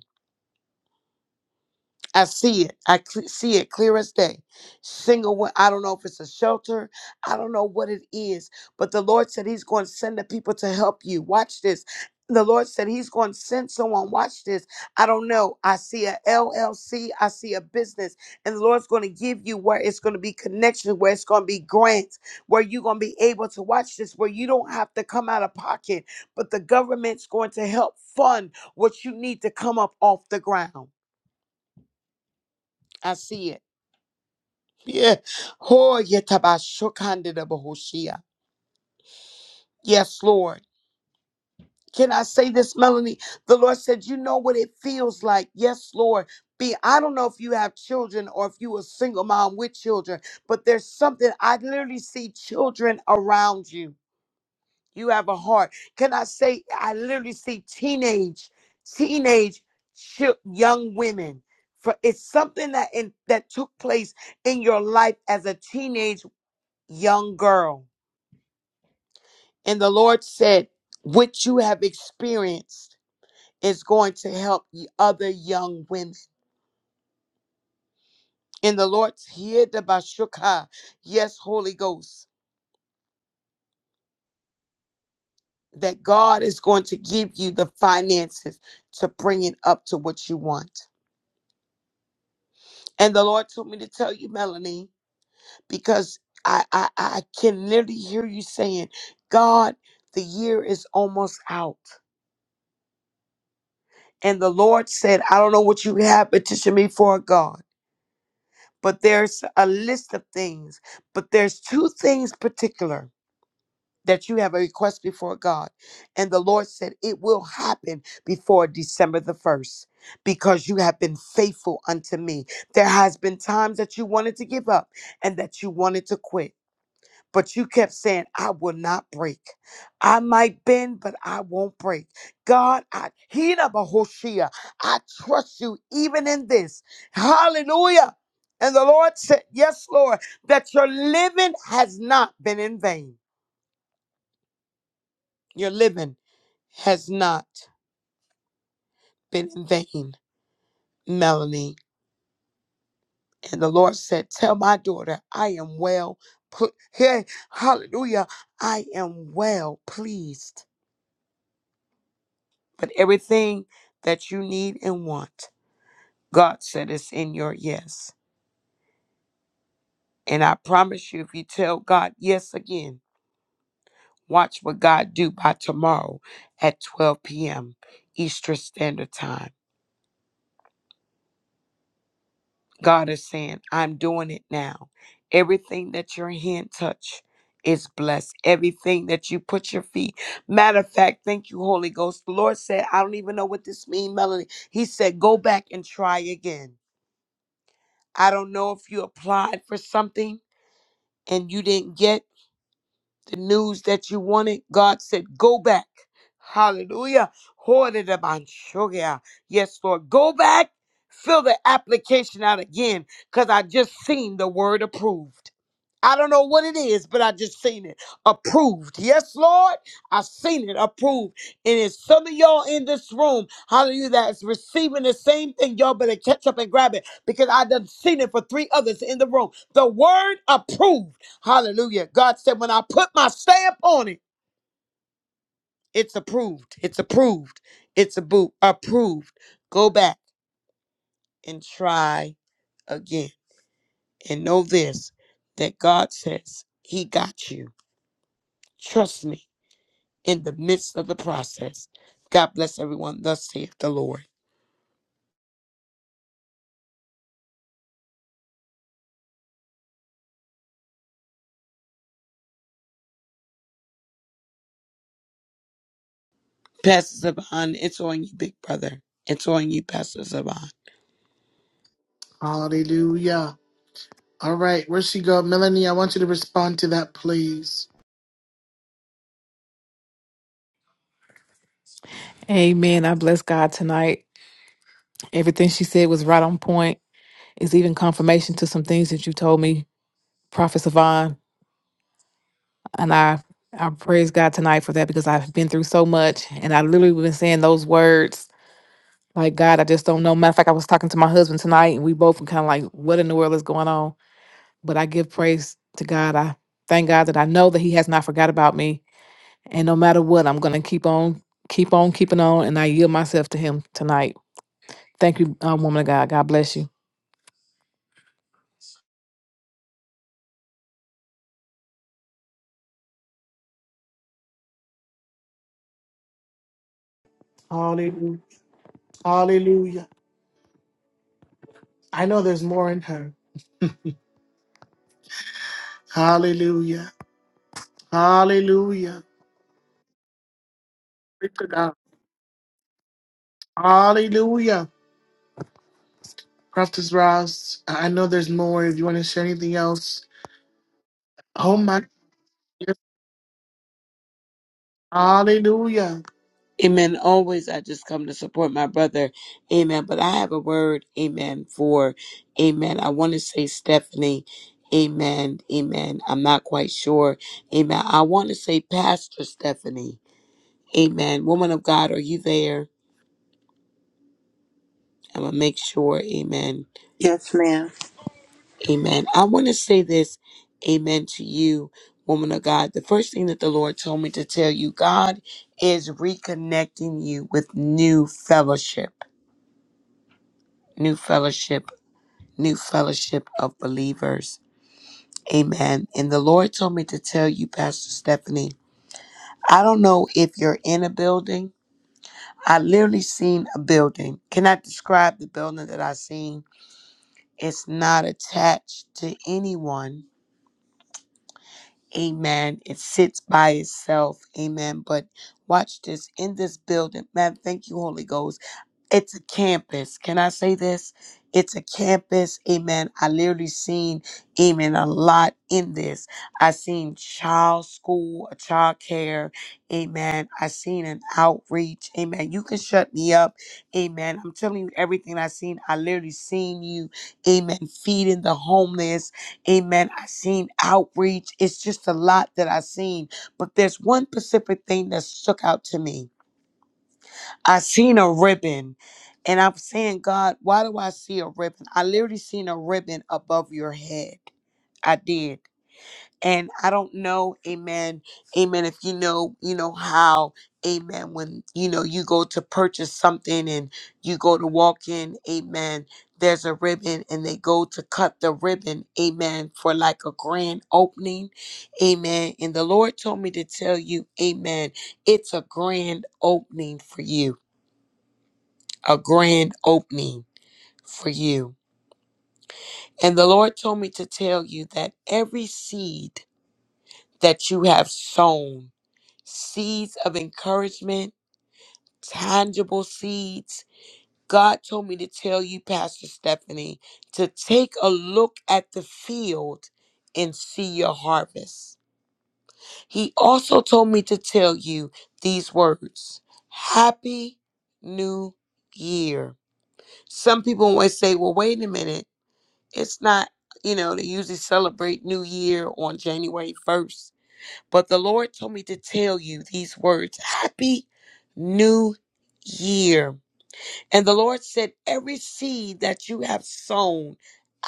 Speaker 6: I see it. I cl- see it clear as day. Single one. I don't know if it's a shelter. I don't know what it is. But the Lord said He's going to send the people to help you. Watch this. The Lord said He's going to send someone. Watch this. I don't know. I see a LLC. I see a business. And the Lord's going to give you where it's going to be connections, where it's going to be grants, where you're going to be able to watch this, where you don't have to come out of pocket, but the government's going to help fund what you need to come up off the ground. I see it. Yeah. Ho, yetaba shokandida bahoshia. Yes, Lord. Can I say this, Melanie? The Lord said, You know what it feels like. Yes, Lord. Be I don't know if you have children or if you a single mom with children, but there's something I literally see children around you. You have a heart. Can I say I literally see teenage, teenage chil- young women. For it's something that in, that took place in your life as a teenage young girl And the Lord said, What you have experienced is going to help the other young women. And the Lord here the Bashuka, yes, Holy Ghost, that God is going to give you the finances to bring it up to what you want. And the Lord told me to tell you, Melanie, because I I, I can literally hear you saying, God, the year is almost out. And the Lord said, I don't know what you have petitioned me for, God but there's a list of things. But there's two things particular that you have a request before God. And the Lord said it will happen before December the 1st because you have been faithful unto me. There has been times that you wanted to give up and that you wanted to quit. But you kept saying, I will not break. I might bend, but I won't break. God, I Hina Bahoshia, I trust you even in this. Hallelujah. And the Lord said, Yes, Lord, that your living has not been in vain. Your living has not been in vain, Melanie. And the Lord said, Tell my daughter, I am well put here. Hallelujah. I am well pleased. But everything that you need and want, God said is in your yes. And I promise you, if you tell God yes again, watch what God do by tomorrow at 12 p.m. Eastern Standard Time. God is saying, I'm doing it now. Everything that your hand touch is blessed. Everything that you put your feet. Matter of fact, thank you, Holy Ghost. The Lord said, I don't even know what this means, Melanie. He said, go back and try again. I don't know if you applied for something and you didn't get the news that you wanted. God said, Go back. Hallelujah. Hoard it up on Yes, Lord. Go back. Fill the application out again because I just seen the word approved. I don't know what it is, but I just seen it approved. Yes, Lord, I seen it approved. And it's some of y'all in this room, hallelujah, that's receiving the same thing. Y'all better catch up and grab it because I done seen it for three others in the room. The word approved. Hallelujah. God said, when I put my stamp on it, it's approved. It's approved. It's a boot approved. Go back and try again. And know this that God says, He got you. Trust me. in the midst of the process. God bless everyone. Thus saith the Lord. Pastor Saban, it's on you, big brother. It's on you, Pastor Saban.
Speaker 1: Hallelujah. All right, where she go? Melanie, I want you to respond to that, please.
Speaker 8: Amen. I bless God tonight. Everything she said was right on point. It's even confirmation to some things that you told me, Prophet Savon. And I I praise God tonight for that because I've been through so much and I literally been saying those words. Like God, I just don't know. Matter of fact, I was talking to my husband tonight and we both were kind of like, what in the world is going on? But I give praise to God. I thank God that I know that He has not forgot about me. And no matter what, I'm gonna keep on, keep on keeping on, and I yield myself to him tonight. Thank you, uh, woman of God. God bless you.
Speaker 1: Hallelujah. Hallelujah. I know there's more in her. Hallelujah. Hallelujah. Glory to God. Hallelujah. Prophetess Ross, I I know there's more if you want to share anything else. Oh my goodness. Hallelujah.
Speaker 6: Amen. Always, I just come to support my brother. Amen. But I have a word, amen, for, amen. I want to say Stephanie. Amen. Amen. I'm not quite sure. Amen. I want to say Pastor Stephanie. Amen. Woman of God, are you there? I'm going to make sure. Amen.
Speaker 9: Yes, ma'am.
Speaker 6: Amen. I want to say this, amen, to you, woman of God. The first thing that the Lord told me to tell you, God is reconnecting you with new fellowship. New fellowship New Fellowship of Believers. Amen. And the Lord told me to tell you, Pastor Stephanie, I don't know if you're in a building. I literally seen a building. Can I describe the building that I seen? It's not attached to anyone. Amen. It sits by itself. Amen. But watch this. In this building, man, thank you, Holy Ghost. it's a campus. Can I say this? It's a campus. Amen. I literally seen, amen, a lot in this. I seen child school, child care. Amen. I seen an outreach. Amen. You can shut me up. Amen. I'm telling you everything I seen. I literally seen you. Amen. Feeding the homeless. Amen. I seen outreach. It's just a lot that I seen. But there's one specific thing that stuck out to me I seen a ribbon and I'm saying, God, why do I see a ribbon? I literally seen a ribbon above your head. I did. And I don't know, amen, amen, if you know, you know how, amen, when, you know, you go to purchase something and you go to walk in, amen, there's a ribbon and they go to cut the ribbon, amen, for like a grand opening, amen. And the Lord told me to tell you, amen, it's a grand opening for you a grand opening for you. And the Lord told me to tell you that every seed that you have sown, seeds of encouragement, tangible seeds, God told me to tell you, Pastor Stephanie, to take a look at the field and see your harvest. He also told me to tell you these words Happy New Year. Some people always say, well, wait a minute. It's not, you know, they usually celebrate New Year on January 1st. But the Lord told me to tell you these words Happy New Year. And the Lord said, Every seed that you have sown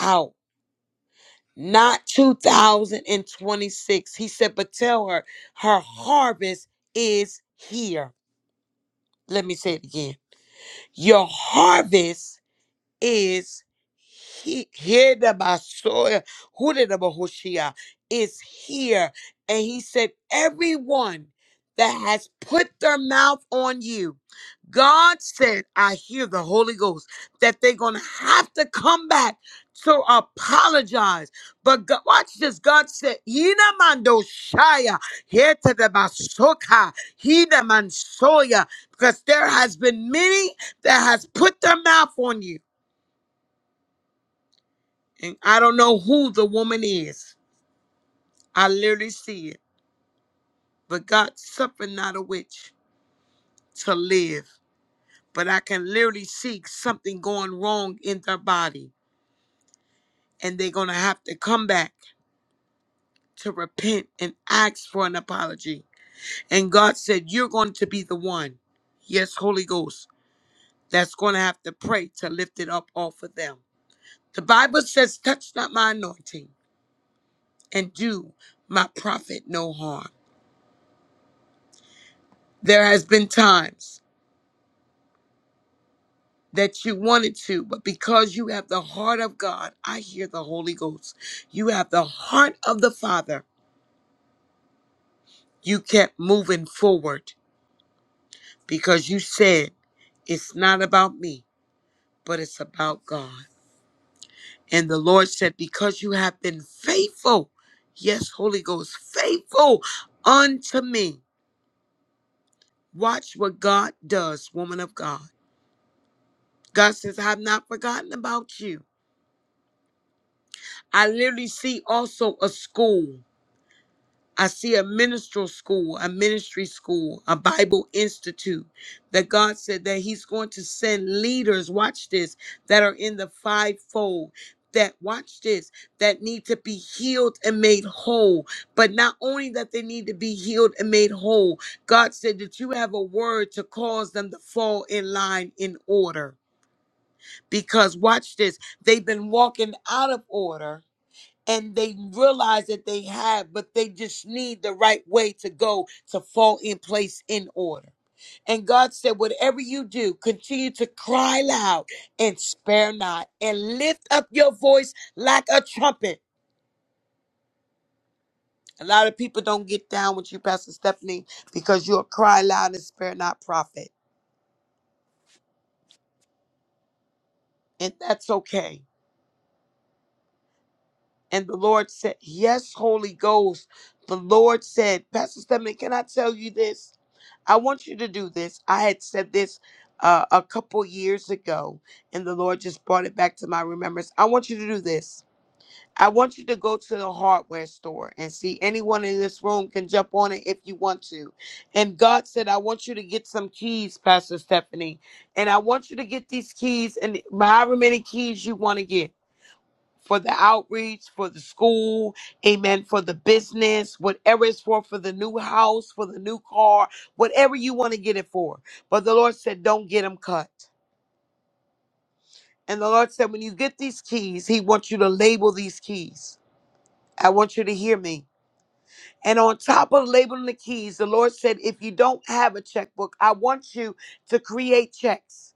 Speaker 6: out, not 2026. He said, But tell her, her harvest is here. Let me say it again. Your harvest is he here the Basoya who did the Bahoshia is here. And he said, Everyone that has put their mouth on you, God said, I hear the Holy Ghost, that they're gonna have to come back to apologize. But God, watch this. God said, Ina mando shaya, here to the basoka, he the mansoya, because there has been many that has put their mouth on you and I don't know who the woman is. I literally see it. But God suffered not a witch to live. But I can literally see something going wrong in their body. And they're going to have to come back to repent and ask for an apology. And God said, You're going to be the one, yes, Holy Ghost, that's going to have to pray to lift it up off of them. The Bible says, Touch not my anointing and do my prophet no harm. There has been times that you wanted to, but because you have the heart of God, I hear the Holy Ghost. You have the heart of the Father. You kept moving forward because you said, It's not about me, but it's about God. And the Lord said, Because you have been faithful, yes, Holy Ghost, faithful unto me. Watch what God does, woman of God. God says, I have not forgotten about you. I literally see also a school. I see a ministerial school, a ministry school, a Bible institute that God said that He's going to send leaders, watch this, that are in the fivefold. That watch this, that need to be healed and made whole. But not only that they need to be healed and made whole, God said that you have a word to cause them to fall in line in order. Because watch this, they've been walking out of order and they realize that they have, but they just need the right way to go to fall in place in order. And God said, Whatever you do, continue to cry loud and spare not, and lift up your voice like a trumpet. A lot of people don't get down with you, Pastor Stephanie, because you're a cry loud and spare not prophet. And that's okay. And the Lord said, Yes, Holy Ghost. The Lord said, Pastor Stephanie, can I tell you this? I want you to do this. I had said this uh, a couple years ago, and the Lord just brought it back to my remembrance. I want you to do this. I want you to go to the hardware store and see anyone in this room can jump on it if you want to. And God said, I want you to get some keys, Pastor Stephanie. And I want you to get these keys and however many keys you want to get for the outreach, for the school, amen, for the business, whatever it's for, for the new house, for the new car, whatever you want to get it for. But the Lord said, don't get them cut. And the Lord said, when you get these keys, He wants you to label these keys. I want you to hear me. And on top of labeling the keys, the Lord said, if you don't have a checkbook, I want you to create checks.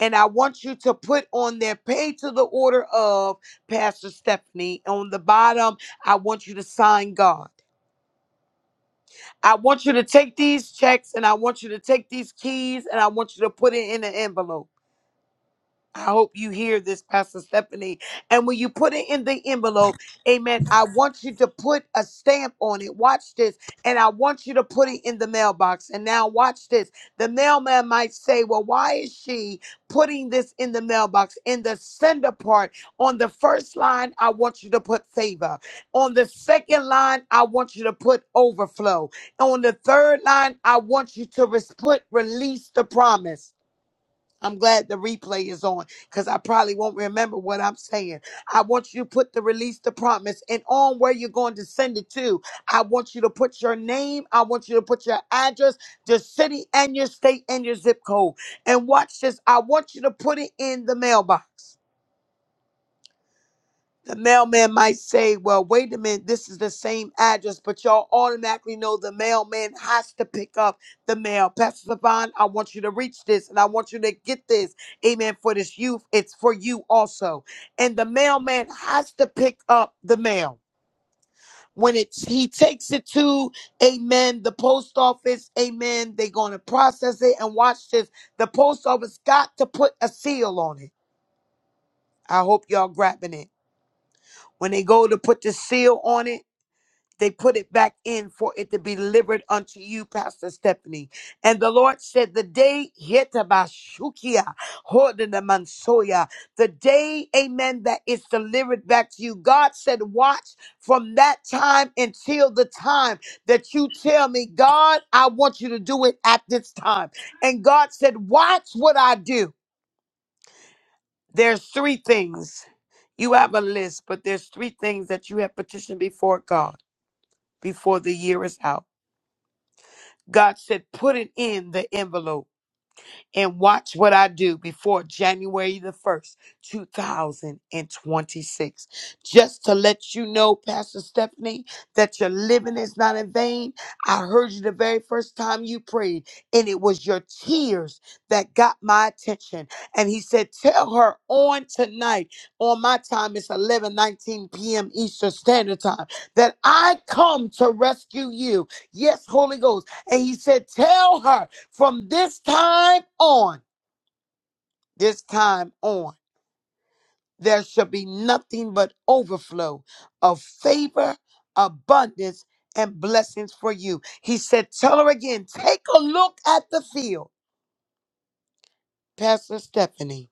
Speaker 6: And I want you to put on there, pay to the order of Pastor Stephanie. On the bottom, I want you to sign God. I want you to take these checks and I want you to take these keys and I want you to put it in an envelope. I hope you hear this, Pastor Stephanie. And when you put it in the envelope, amen, I want you to put a stamp on it. Watch this. And I want you to put it in the mailbox. And now, watch this. The mailman might say, Well, why is she putting this in the mailbox? In the sender part, on the first line, I want you to put favor. On the second line, I want you to put overflow. On the third line, I want you to res- put release the promise. I'm glad the replay is on because I probably won't remember what I'm saying. I want you to put the release, the promise, and on where you're going to send it to. I want you to put your name. I want you to put your address, the city and your state and your zip code. And watch this. I want you to put it in the mailbox. The mailman might say, Well, wait a minute, this is the same address, but y'all automatically know the mailman has to pick up the mail. Pastor Savon, I want you to reach this and I want you to get this. Amen. For this youth, it's for you also. And the mailman has to pick up the mail. When it's he takes it to Amen, the post office, Amen. They're gonna process it and watch this. The post office got to put a seal on it. I hope y'all grabbing it. When they go to put the seal on it they put it back in for it to be delivered unto you, Pastor Stephanie. And the Lord said, The day yetabashukia, hodenamansoya, the day, amen, that it's delivered back to you. God said, Watch from that time until the time that you tell me, God, I want you to do it at this time. And God said, Watch what I do. There's three things. You have a list, but there's three things that you have petitioned before God before the year is out. God said, put it in the envelope and watch what I do before January the 1st, 2026. Just to let you know, Pastor Stephanie, that your living is not in vain. I heard you the very first time you prayed, and it was your tears that got my attention. And he said, Tell her on tonight, on my time, it's 11 19 p.m. Eastern Standard Time, that I come to rescue you. Yes, Holy Ghost. And he said, Tell her. From this time on, this time on, there shall be nothing but overflow of favor, abundance, and blessings for you. He said, Tell her again, take a look at the field, Pastor Stephanie.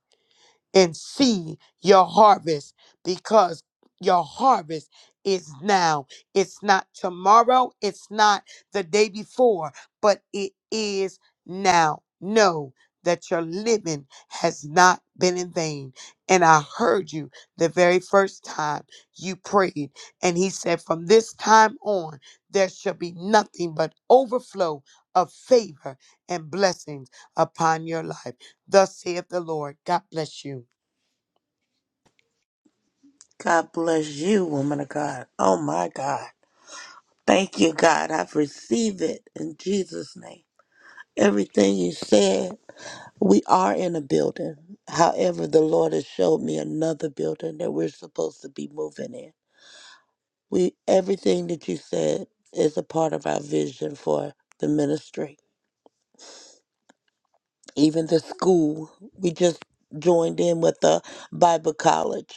Speaker 6: and see your harvest because your harvest is now. It's not tomorrow, it's not the day before, but it is now. Know that your living has not been in vain. And I heard you the very first time you prayed. And he said, From this time on, there shall be nothing but overflow of favor and blessings upon your life. Thus saith the Lord. God bless you.
Speaker 9: God bless you, woman of God. Oh my God. Thank you, God. I've received it in Jesus' name. Everything you said, we are in a building. However, the Lord has showed me another building that we're supposed to be moving in. We everything that you said is a part of our vision for the ministry. Even the school. We just joined in with the Bible college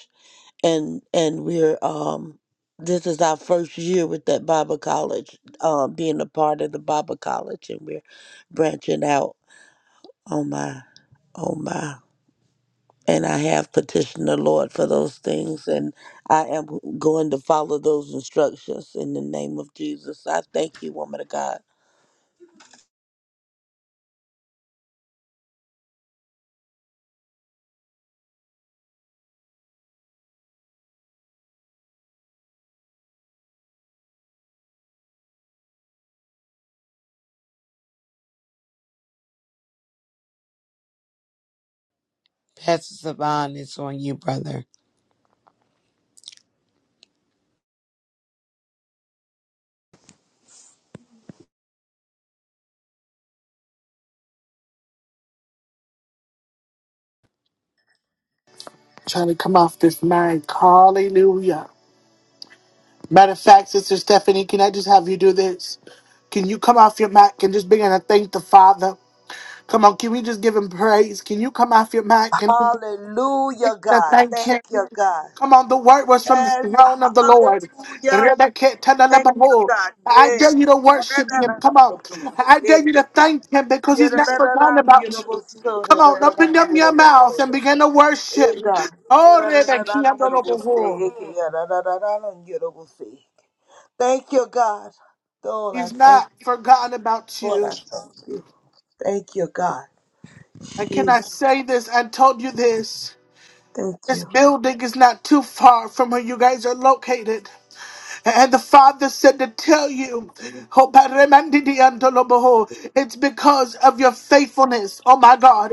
Speaker 9: and and we're um this is our first year with that Bible College, um, being a part of the Bible College, and we're branching out. Oh my, oh my! And I have petitioned the Lord for those things, and I am going to follow those instructions in the name of Jesus. I thank you, woman of God.
Speaker 6: Pastor Savon, it's on you, brother.
Speaker 1: Trying to come off this mic. Hallelujah. Matter of fact, Sister Stephanie, can I just have you do this? Can you come off your mic and just begin to thank the Father? Come on, can we just give him praise? Can you come off your mic and
Speaker 9: Hallelujah, God.
Speaker 1: thank
Speaker 9: Thank
Speaker 1: him?
Speaker 9: you, God.
Speaker 1: Come on, the word was from the
Speaker 9: Yes.
Speaker 1: throne of the Lord.
Speaker 9: Hallelujah. Thank you, God.
Speaker 1: I dare you to worship him. Come on. I dare you to
Speaker 9: Yes.
Speaker 1: thank him because he's not forgotten
Speaker 9: Yadadadam,
Speaker 1: about you.
Speaker 9: yadabosso,
Speaker 1: Come on, open
Speaker 9: dadadadam,
Speaker 1: up your mouth
Speaker 9: yadabosso,
Speaker 1: and
Speaker 9: ya.
Speaker 1: begin to worship.
Speaker 9: Eh, God. Yadadadadam, yadabosso,
Speaker 1: Oh,
Speaker 9: eke, yadadadadam, yadabosso. Thank you, God. Lord, I
Speaker 1: He's
Speaker 9: thank
Speaker 1: not forgotten about
Speaker 9: Lord,
Speaker 1: you.
Speaker 9: I thank you. Thank you, God.
Speaker 1: And can I
Speaker 9: Jesus,
Speaker 1: say this? I told you this.
Speaker 9: thank
Speaker 1: This
Speaker 9: you.
Speaker 1: building is not too far from where you guys are located. And the Father said to tell you, oh, Paremandidi Antoloboho, it's because of your faithfulness. Oh my God.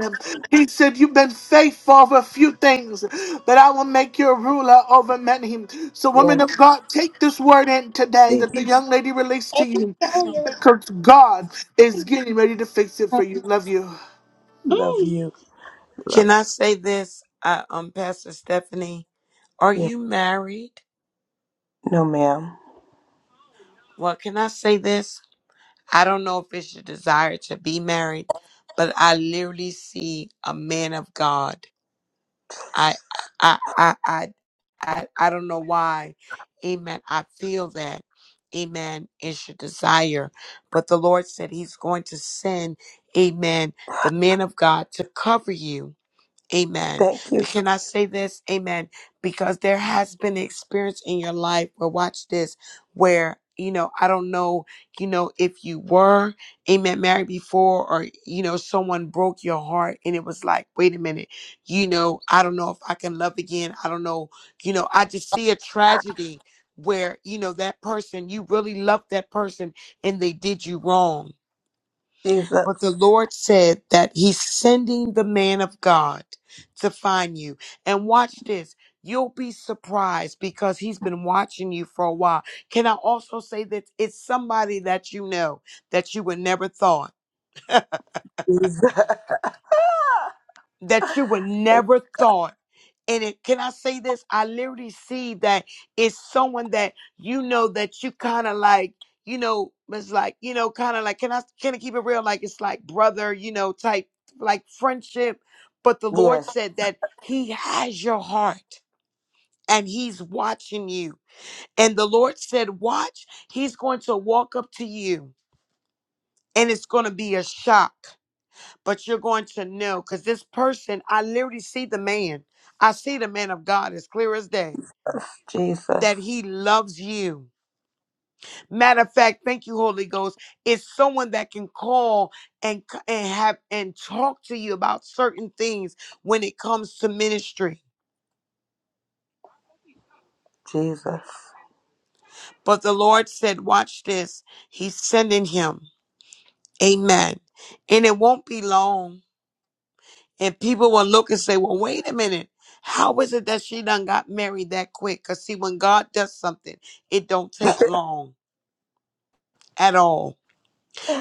Speaker 1: He said, You've been faithful over a few things, but I will make you a ruler over many. So, women
Speaker 9: Yes,
Speaker 1: of God, take this word in today that
Speaker 9: Jesus.
Speaker 1: the young lady released to you because God is getting ready to fix it for you. Love you.
Speaker 9: Love you. Love
Speaker 6: Can I say this, uh, um, Pastor Stephanie? Are
Speaker 9: you.
Speaker 6: you married?
Speaker 9: No, ma'am.
Speaker 6: Well, can I say this? I don't know if it's your desire to be married, but I literally see a man of God. I, I, I, I, I, I don't know why. Amen. I feel that. Amen. It's your desire. But the Lord said He's going to send, Amen, the man of God to cover you. Amen.
Speaker 9: Thank you,
Speaker 6: But can I say this? Amen. Because there has been an experience in your life where watch this, where you know, I don't know, you know, if you were, amen, married before, or you know, someone broke your heart and it was like, wait a minute, you know, I don't know if I can love again. I don't know, you know, I just see a tragedy where, you know, that person, you really loved that person and they did you wrong
Speaker 9: Jesus.
Speaker 6: but the Lord said that He's sending the man of God to find you. And watch this. You'll be surprised because he's been watching you for a while. Can I also say that it's somebody that you know that you would never thought?
Speaker 9: Jesus. *laughs*
Speaker 6: that you would never thought. And it, can I say this? I literally see that it's someone that you know that you kind of like, you know, it's like, you know, kind of like, can I can I keep it real? Like it's like brother, you know, type like friendship. But the Lord
Speaker 9: yes,
Speaker 6: said that He has your heart and He's watching you. And the Lord said, Watch, He's going to walk up to you and it's going to be a shock but you're going to know because this person, I literally see the man. I see the man of God as clear as day
Speaker 9: Jesus.
Speaker 6: that he loves you. Matter of fact, thank you, Holy Ghost. It's someone that can call and, c- and have and talk to you about certain things when it comes to ministry.
Speaker 9: Jesus.
Speaker 6: But the Lord said, watch this. He's sending him. Amen. And it won't be long And people will look and say, well, wait a minute. How is it that she done got married that quick? Because see, when God does something, it don't take long at all.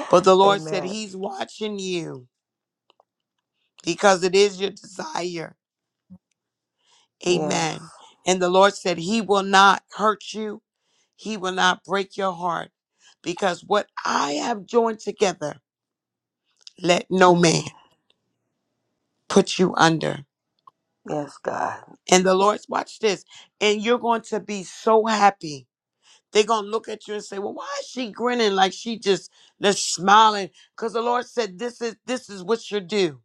Speaker 6: But the Lord said
Speaker 9: Amen.
Speaker 6: he's watching you because it is your desire.
Speaker 9: Yes.
Speaker 6: Amen. And the Lord said he will not hurt you. He will not break your heart because what I have joined together, let no man
Speaker 9: Mm.
Speaker 6: put you under.
Speaker 9: Yes, God.
Speaker 6: And the Lord's watch this. And you're going to be so happy They're going to look at you and say, "Well, why is she grinning like she just that's smiling?" Cuz the Lord said, "This is this is what you do."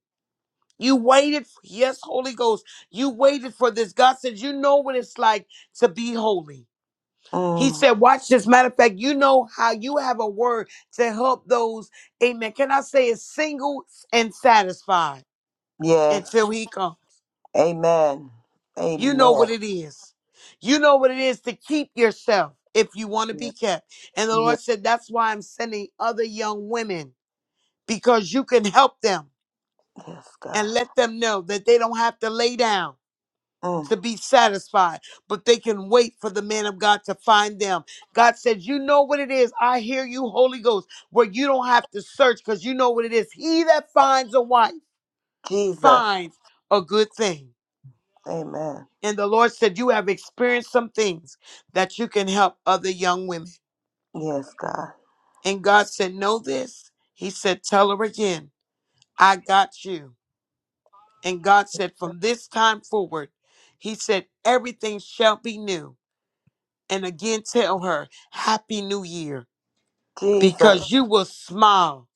Speaker 6: You waited, for, yes, Holy Ghost. You waited for this. God said, "You know what it's like to be holy." He
Speaker 9: Mm.
Speaker 6: said, "Watch this. Matter of fact, you know how you have a word to help those. Amen. Can I say it's single and satisfied
Speaker 9: Yes.
Speaker 6: until He comes?"
Speaker 9: Amen.
Speaker 6: You know
Speaker 9: Amen.
Speaker 6: what it is. You know what it is to keep yourself if you want to
Speaker 9: Yeah.
Speaker 6: be kept. And the Lord said, That's why I'm sending other young women because you can help them
Speaker 9: Yes, God.
Speaker 6: and let them know that they don't have to lay down
Speaker 9: Mm.
Speaker 6: to be satisfied, but they can wait for the man of God to find them. God said, You know what it is. I hear you, Holy Ghost, where you don't have to search because you know what it is. He that finds a wife
Speaker 9: Jesus.
Speaker 6: finds a good thing
Speaker 9: Amen.
Speaker 6: And the Lord said, You have experienced some things that you can help other young women.
Speaker 9: Yes, God.
Speaker 6: And God said, Know this. He said, Tell her again, I got you. And God said, From this time forward, He said, Everything shall be new. And again, tell her, Happy New Year,
Speaker 9: Jesus.
Speaker 6: because you will smile.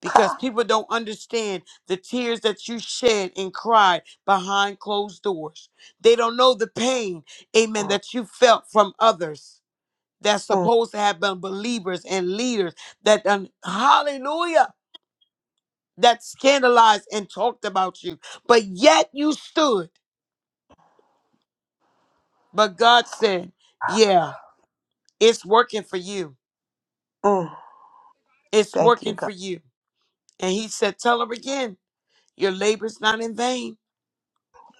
Speaker 6: Because
Speaker 9: Ha!
Speaker 6: people don't understand the tears that you shed and cried behind closed doors. They don't know the pain, amen,
Speaker 9: Mm,
Speaker 6: that you felt from others that's
Speaker 9: mm,
Speaker 6: supposed to have been believers and leaders that done hallelujah that scandalized and talked about you but yet you stood but god said yeah it's working for you
Speaker 9: mm.
Speaker 6: it's
Speaker 9: Thank you,
Speaker 6: working
Speaker 9: God.
Speaker 6: for you and he said tell her again your labor's not in vain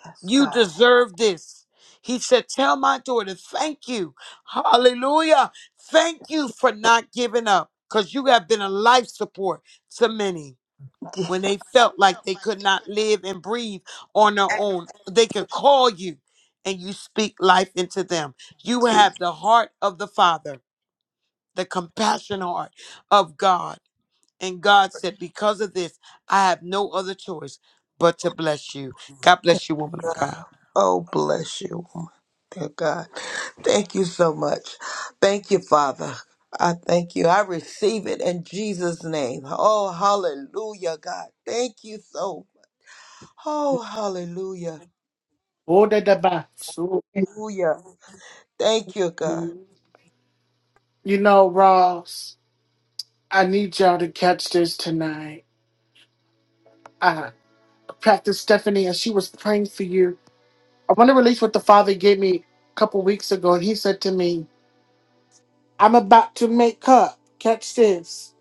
Speaker 9: Yes,
Speaker 6: you
Speaker 9: God.
Speaker 6: deserve this he said tell my daughter thank you hallelujah thank you
Speaker 9: Je-
Speaker 6: for not giving up because you have been a life support to many
Speaker 9: Je-
Speaker 6: when they felt like they could not live and breathe on their own. They could call you and you speak life into them. You
Speaker 9: Jesus.
Speaker 6: have the heart of the Father, the compassion heart of God. And God said, Because of this, I have no other choice but to bless you. God bless you, woman of God.
Speaker 9: Oh, bless you, dear God. Thank you so much. Thank you, Father. I thank you. I receive it in Jesus' name. Oh, hallelujah, God. Thank you so. Oh, hallelujah.
Speaker 1: Oh, da, da, So,
Speaker 9: Hallelujah. Thank you, God.
Speaker 1: You know, Ross, I need y'all to catch this tonight. Practice Stephanie, as she was praying for you. I want to release what the Father gave me a couple weeks ago, and He said to me, I'm about to make up, catch this,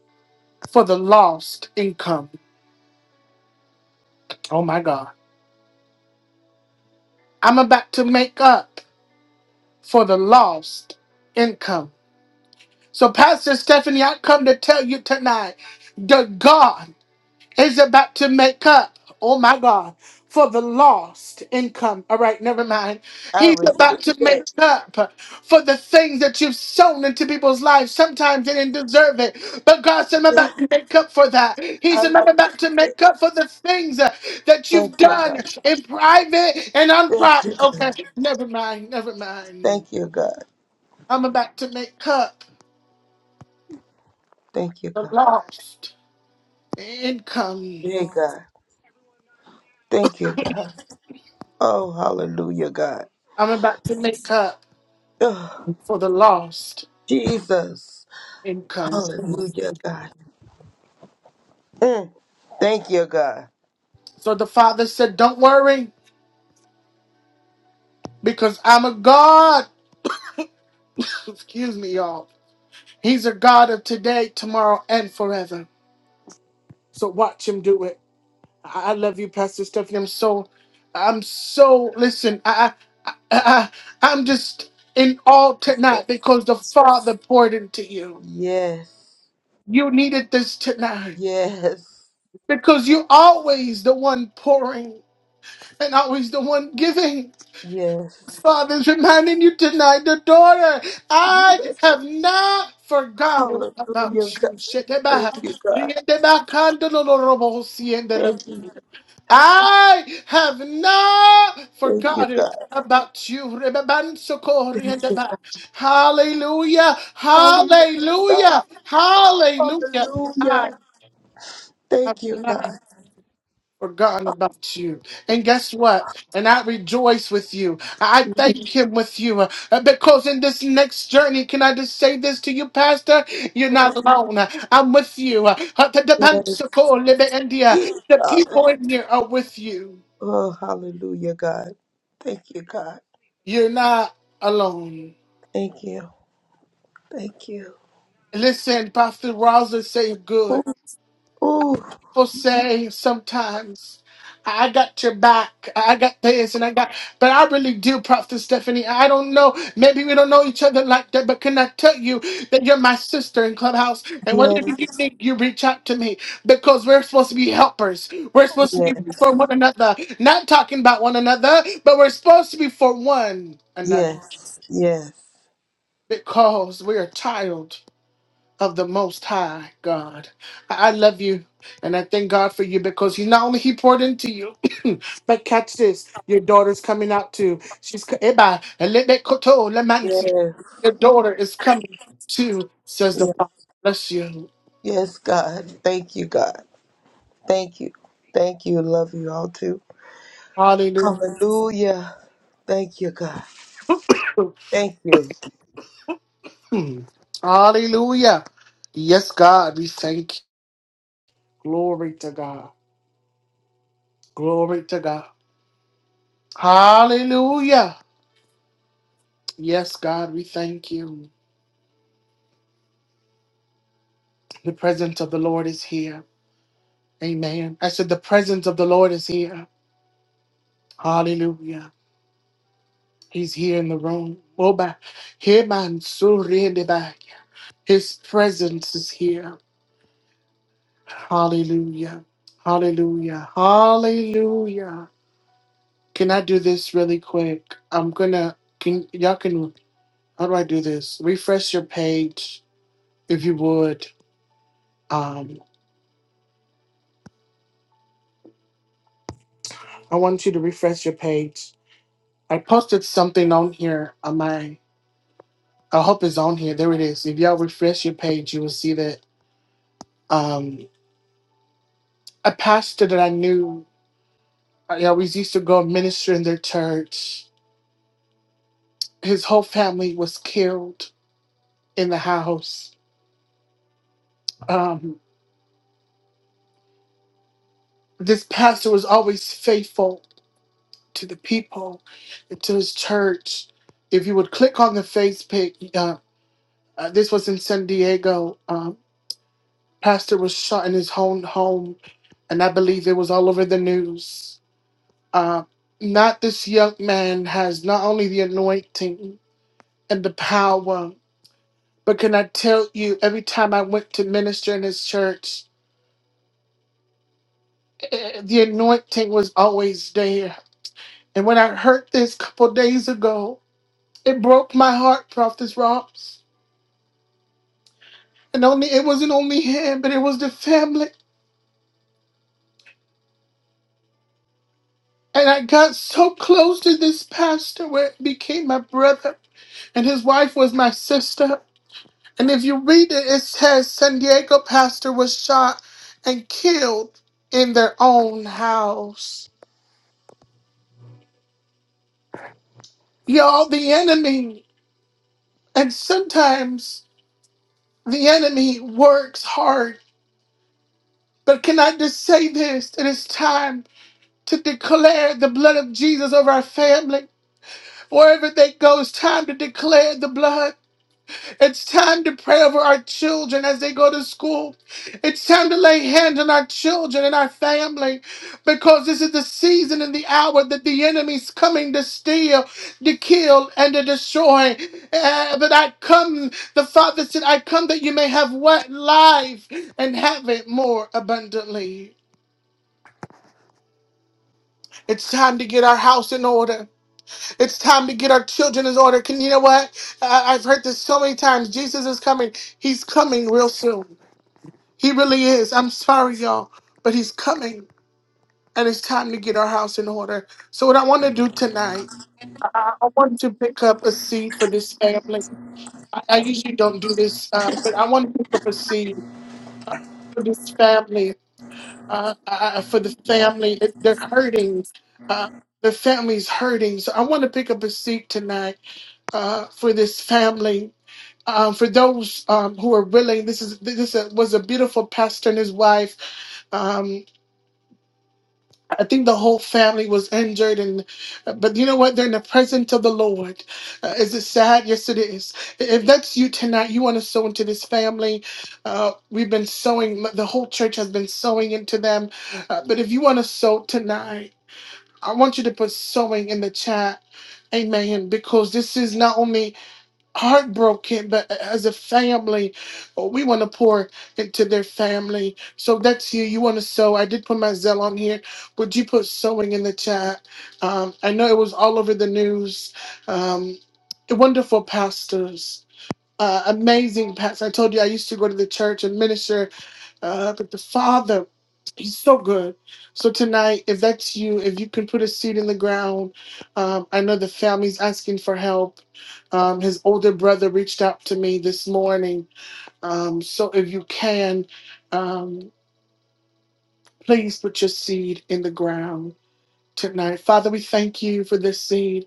Speaker 1: for the lost income. Oh my God. I'm about to make up for the lost income. So, Pastor Stephanie, I come to tell you tonight that God. is about to make up, oh my God, for the lost income. All right, never mind.
Speaker 9: I
Speaker 1: He's
Speaker 9: receive
Speaker 1: about to
Speaker 9: it.
Speaker 1: make up for the things that you've sown into people's lives. Sometimes they didn't deserve it, but God said, I'm
Speaker 9: *laughs*
Speaker 1: about to make up for that. He
Speaker 9: I
Speaker 1: said, I'm
Speaker 9: receive
Speaker 1: about to
Speaker 9: it.
Speaker 1: make up for the things uh, that
Speaker 9: Thank
Speaker 1: you've
Speaker 9: you,
Speaker 1: done
Speaker 9: God.
Speaker 1: in private and
Speaker 9: Thank you,
Speaker 1: unprivate.
Speaker 9: God.
Speaker 1: Okay, never mind, never mind.
Speaker 9: Thank you, God.
Speaker 1: I'm about to make up
Speaker 9: Thank you,
Speaker 1: the
Speaker 9: God.
Speaker 1: lost income.
Speaker 9: Hey, God. Thank you, God. Oh, hallelujah, God.
Speaker 1: I'm about to make up
Speaker 9: Oh,
Speaker 1: for the lost.
Speaker 9: Jesus.
Speaker 1: income.
Speaker 9: Hallelujah, God. Mm, Thank you, God.
Speaker 1: So the father said, Don't worry, because I'm a God. Excuse me, y'all. He's a God of today, tomorrow, and forever. So watch him do it. I I love you, Pastor Stephanie. I'm so, I'm so, listen, I, I, I I- I'm just in awe tonight because the Father poured into you.
Speaker 9: Yes.
Speaker 1: You needed this tonight
Speaker 9: Yes.
Speaker 1: because you're always the one pouring and always the one giving.
Speaker 9: Yes.
Speaker 1: Father is reminding you tonight, the daughter, I
Speaker 9: Jesus.
Speaker 1: have not forgotten about
Speaker 9: Hallelujah,
Speaker 1: you.
Speaker 9: God. Thank
Speaker 1: Sheteba,
Speaker 9: you, God.
Speaker 1: riedeba kandolorobo sienderem.
Speaker 9: Thank you.
Speaker 1: I have not
Speaker 9: Thank you,
Speaker 1: forgotten
Speaker 9: God.
Speaker 1: about you. Rebebansoko
Speaker 9: Thank you,
Speaker 1: riedeba. Hallelujah,
Speaker 9: God. Hallelujah.
Speaker 1: hallelujah, hallelujah. I
Speaker 9: Hallelujah.
Speaker 1: have
Speaker 9: Thank you,
Speaker 1: not
Speaker 9: God.
Speaker 1: forgotten about you. And guess what? And I rejoice with you. I thank him with you uh, because in this next journey, can I just say this to you, Pastor? You're not alone. Uh, I'm with you. Uh,
Speaker 9: Yes, yes,
Speaker 1: The
Speaker 9: God.
Speaker 1: people in here are with you.
Speaker 9: Oh, hallelujah, God. Thank you, God.
Speaker 1: You're not alone.
Speaker 9: Thank you. Thank you.
Speaker 1: Listen, Pastor Rosa say good.
Speaker 9: Ooh, ooh.
Speaker 1: people say sometimes, I got your back, I got this, and I got, but I really do, Prophet Stephanie. I don't know, maybe we don't know each other like that, but can I tell you that you're my sister in Clubhouse? And whatever you
Speaker 9: Yes,
Speaker 1: need, you reach out to me because we're supposed to be helpers. We're supposed to
Speaker 9: yes,
Speaker 1: be for one another, not talking about one another, but we're supposed to be for one another
Speaker 9: yes, yes,
Speaker 1: because we're a child of the Most High God. I I love you, and I thank God for you because you not only He poured into you, *coughs* *clears throat* but catch this: your daughter's coming out too. She's co- Eba, elebe koto lemansi.
Speaker 9: yes,
Speaker 1: your daughter is coming too, says the
Speaker 9: yes,
Speaker 1: Father. Bless you.
Speaker 9: yes, God. Thank you, God. Thank you. Thank you. Love you all too.
Speaker 1: Hallelujah.
Speaker 9: Hallelujah. Thank you, God. Thank you.
Speaker 1: Hmm. Hallelujah. Yes, God, we thank you. Glory to God. Glory to God. Hallelujah. Yes, God, we thank you. The presence of the Lord is here. Amen. I said, The presence of the Lord is here. Hallelujah. He's here in the room. Oba, heman surindeba. His presence is here. Hallelujah. Hallelujah. Hallelujah. Can I do this really quick? I'm gonna can y'all can how do I do this? Refresh your page if you would. Um I want you to refresh your page. I posted something on here on my I hope it's on here. There it is. If y'all refresh your page, you will see that um, a pastor that I knew, I always used to go and minister in their church. His whole family was killed in the house. Um, this pastor was always faithful to the people and to his church. If you would click on the Facebook, uh, uh, this was in San Diego. Um, pastor was shot in his own home, and I believe it was all over the news Uh, not this young man has not only the anointing and the power, but can I tell you, every time I went to minister in his church, eh, the anointing was always there. And when I heard this couple days ago, it broke my heart, Prophet Robs. And only it wasn't only him, but it was the family. And I got so close to this pastor where it became my brother, and his wife was my sister. And if you read it, it says San Diego pastor was shot and killed in their own house. Y'all, the enemy, and sometimes the enemy works hard. But can I just say this? It is time to declare the blood of Jesus over our family. Wherever they go, it's time to declare the blood. It's time to pray over our children as they go to school. It's time to lay hands on our children and our family because this is the season and the hour that the enemy's coming to steal, to kill, and to destroy. Uh, but I come, the Father said, I come that you may have what life and have it more abundantly. It's time to get our house in order. It's time to get our children in order. Can you know what? I, I've heard this so many times. Jesus is coming. He's coming real soon. He really is. I'm sorry, y'all, but he's coming and it's time to get our house in order. So, what I want to do tonight, I, I want to pick up a seed for this family. I, I usually don't do this, um, but I want to pick up a seed for this family, uh, uh, uh, for the family. It- They're hurting. Uh, the family's hurting. So, I want to pick up a seed tonight uh, for this family. Um, for those um, who are willing, this is this was a beautiful pastor and his wife. um, I think the whole family was injured, and but you know what? They're in the presence of the Lord. Uh, is it sad? Yes, it is. If that's you tonight, you want to sow into this family. Uh, we've been sowing. The whole church has been sowing into them. Uh, but if you want to sow tonight, I want you to put sowing in the chat. Amen. Because this is not only heartbroken, but as a family, oh, we want to pour into their family. So that's you. You want to sow. I did put my Zell on here. Would you put sewing in the chat? Um, I know it was all over the news. Um, wonderful pastors. Uh, amazing pastors. I told you I used to go to the church and minister uh, but the Father, He's so good. So tonight, if that's you, if you can put a seed in the ground, um, I know the family's asking for help. Um, his older brother reached out to me this morning. Um, so if you can, um, please put your seed in the ground tonight. Father, we thank you for this seed.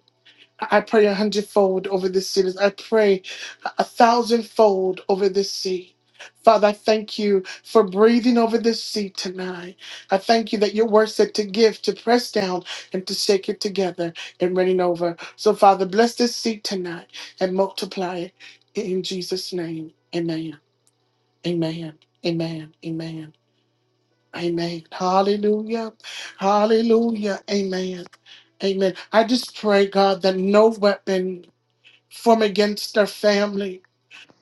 Speaker 1: I pray a hundredfold over this seed. I pray a thousandfold over this seed. Father, I thank you for breathing over this seed tonight. I thank you that your word said to give, to press down, and to shake it together and running over. So, Father, bless this seed tonight and multiply it in Jesus' name. Amen. Amen. Amen. Amen. Amen. Hallelujah. Hallelujah. Amen. Amen. I just pray, God, that no weapon from against their family.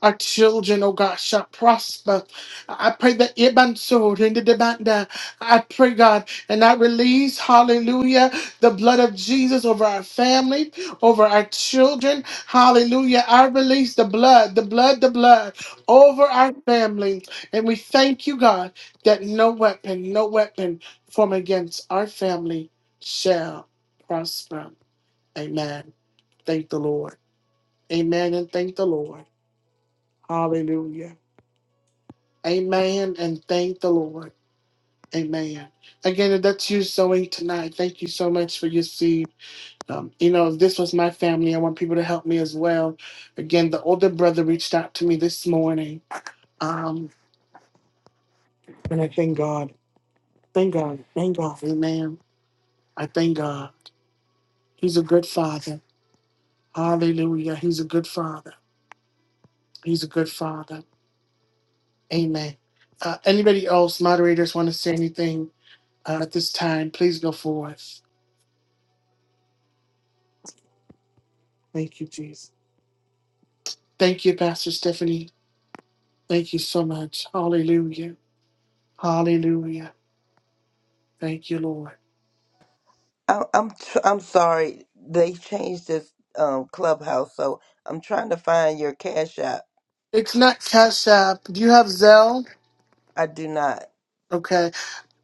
Speaker 1: Our children, oh God, shall prosper. I pray that Iban sword in the demanda. I pray, God, and I release, hallelujah, the blood of Jesus over our family, over our children. Hallelujah. I release the blood, the blood, the blood over our family. And we thank you, God, that no weapon, no weapon from against our family shall prosper. Amen. Thank the Lord. Amen and thank the Lord. Hallelujah. Amen and thank the Lord. Amen. Again, if that's you sowing tonight, thank you so much for your seed. Um, you know, this was my family. I want people to help me as well. Again, the older brother reached out to me this morning. Um, and I thank God. Thank God. Thank God. Amen. I thank God. He's a good father. Hallelujah. He's a good father. He's a good father. Amen. Uh, anybody else, moderators, want to say anything? Uh, at this time, please go forth. Thank you, Jesus. Thank you, Pastor Stephanie. Thank you so much. Hallelujah. Hallelujah. Thank you, Lord.
Speaker 9: I, I'm tr- I'm sorry they changed this um clubhouse, so I'm trying to find your cash app.
Speaker 1: It's not Cash App. Do you have Zelle?
Speaker 9: I do not.
Speaker 1: Okay.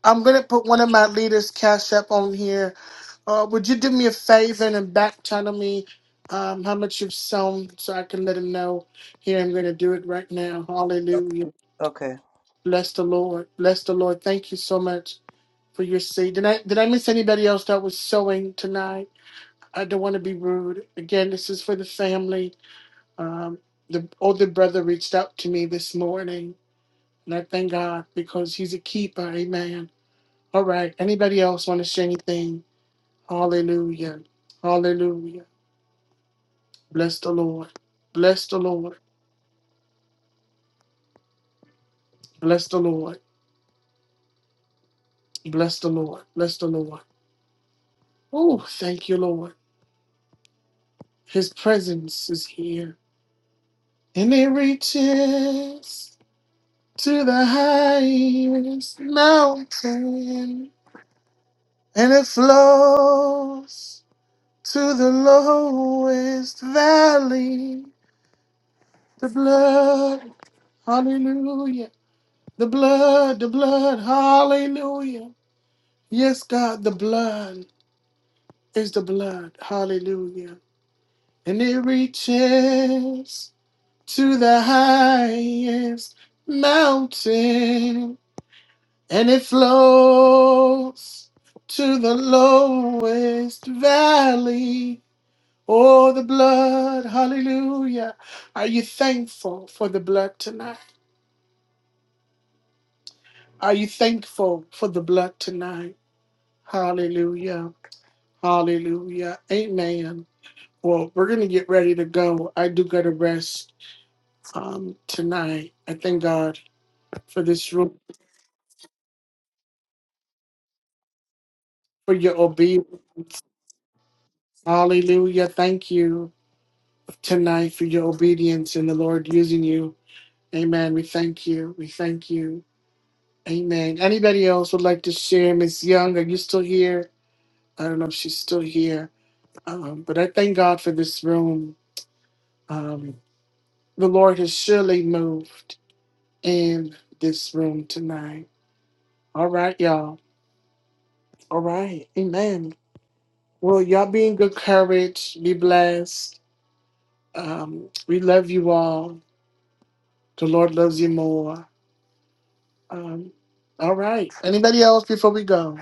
Speaker 1: I'm going to put one of my leaders' Cash App on here. Uh, would you do me a favor and back channel me um, how much you've sown so I can let him know? Here, I'm going to do it right now. Hallelujah.
Speaker 9: Okay.
Speaker 1: Bless the Lord. Bless the Lord. Thank you so much. for your seed. Did I did I miss anybody else that was sewing tonight? I don't want to be rude. Again, this is for the family. Um, the older brother reached out to me this morning, and I thank God because he's a keeper. Amen. All right. Anybody else want to say anything? Hallelujah. Hallelujah. Bless the Lord. Bless the Lord. Bless the Lord. Bless the Lord. Bless the Lord. Oh, thank you, Lord. His presence is here, and it reaches. to the highest mountain, and it flows to the lowest valley. The blood, hallelujah. The blood, the blood, hallelujah. Yes, God, the blood is the blood, hallelujah. And it reaches to the highest mountain and it flows to the lowest valley. Oh, the blood, hallelujah. Are you thankful for the blood tonight? Are you thankful for the blood tonight? Hallelujah, hallelujah, amen. Well, we're going to get ready to go. I do got to rest um, tonight. I thank God for this room, for your obedience. Hallelujah, thank you. tonight for your obedience and the Lord using you. Amen. We thank you. We thank you. Amen. Anybody else would like to share? Miss Young, are you still here? I don't know if she's still here, um, but I thank God for this room. Um, the Lord has surely moved in this room tonight. All right, y'all. All right. Amen. Well, y'all be in good courage. Be blessed. Um, we love you all. The Lord loves you more. Um, all right. Anybody else before we go?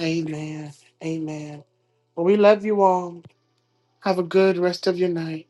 Speaker 1: Amen. Amen. Well, we love you all. Have a good rest of your night.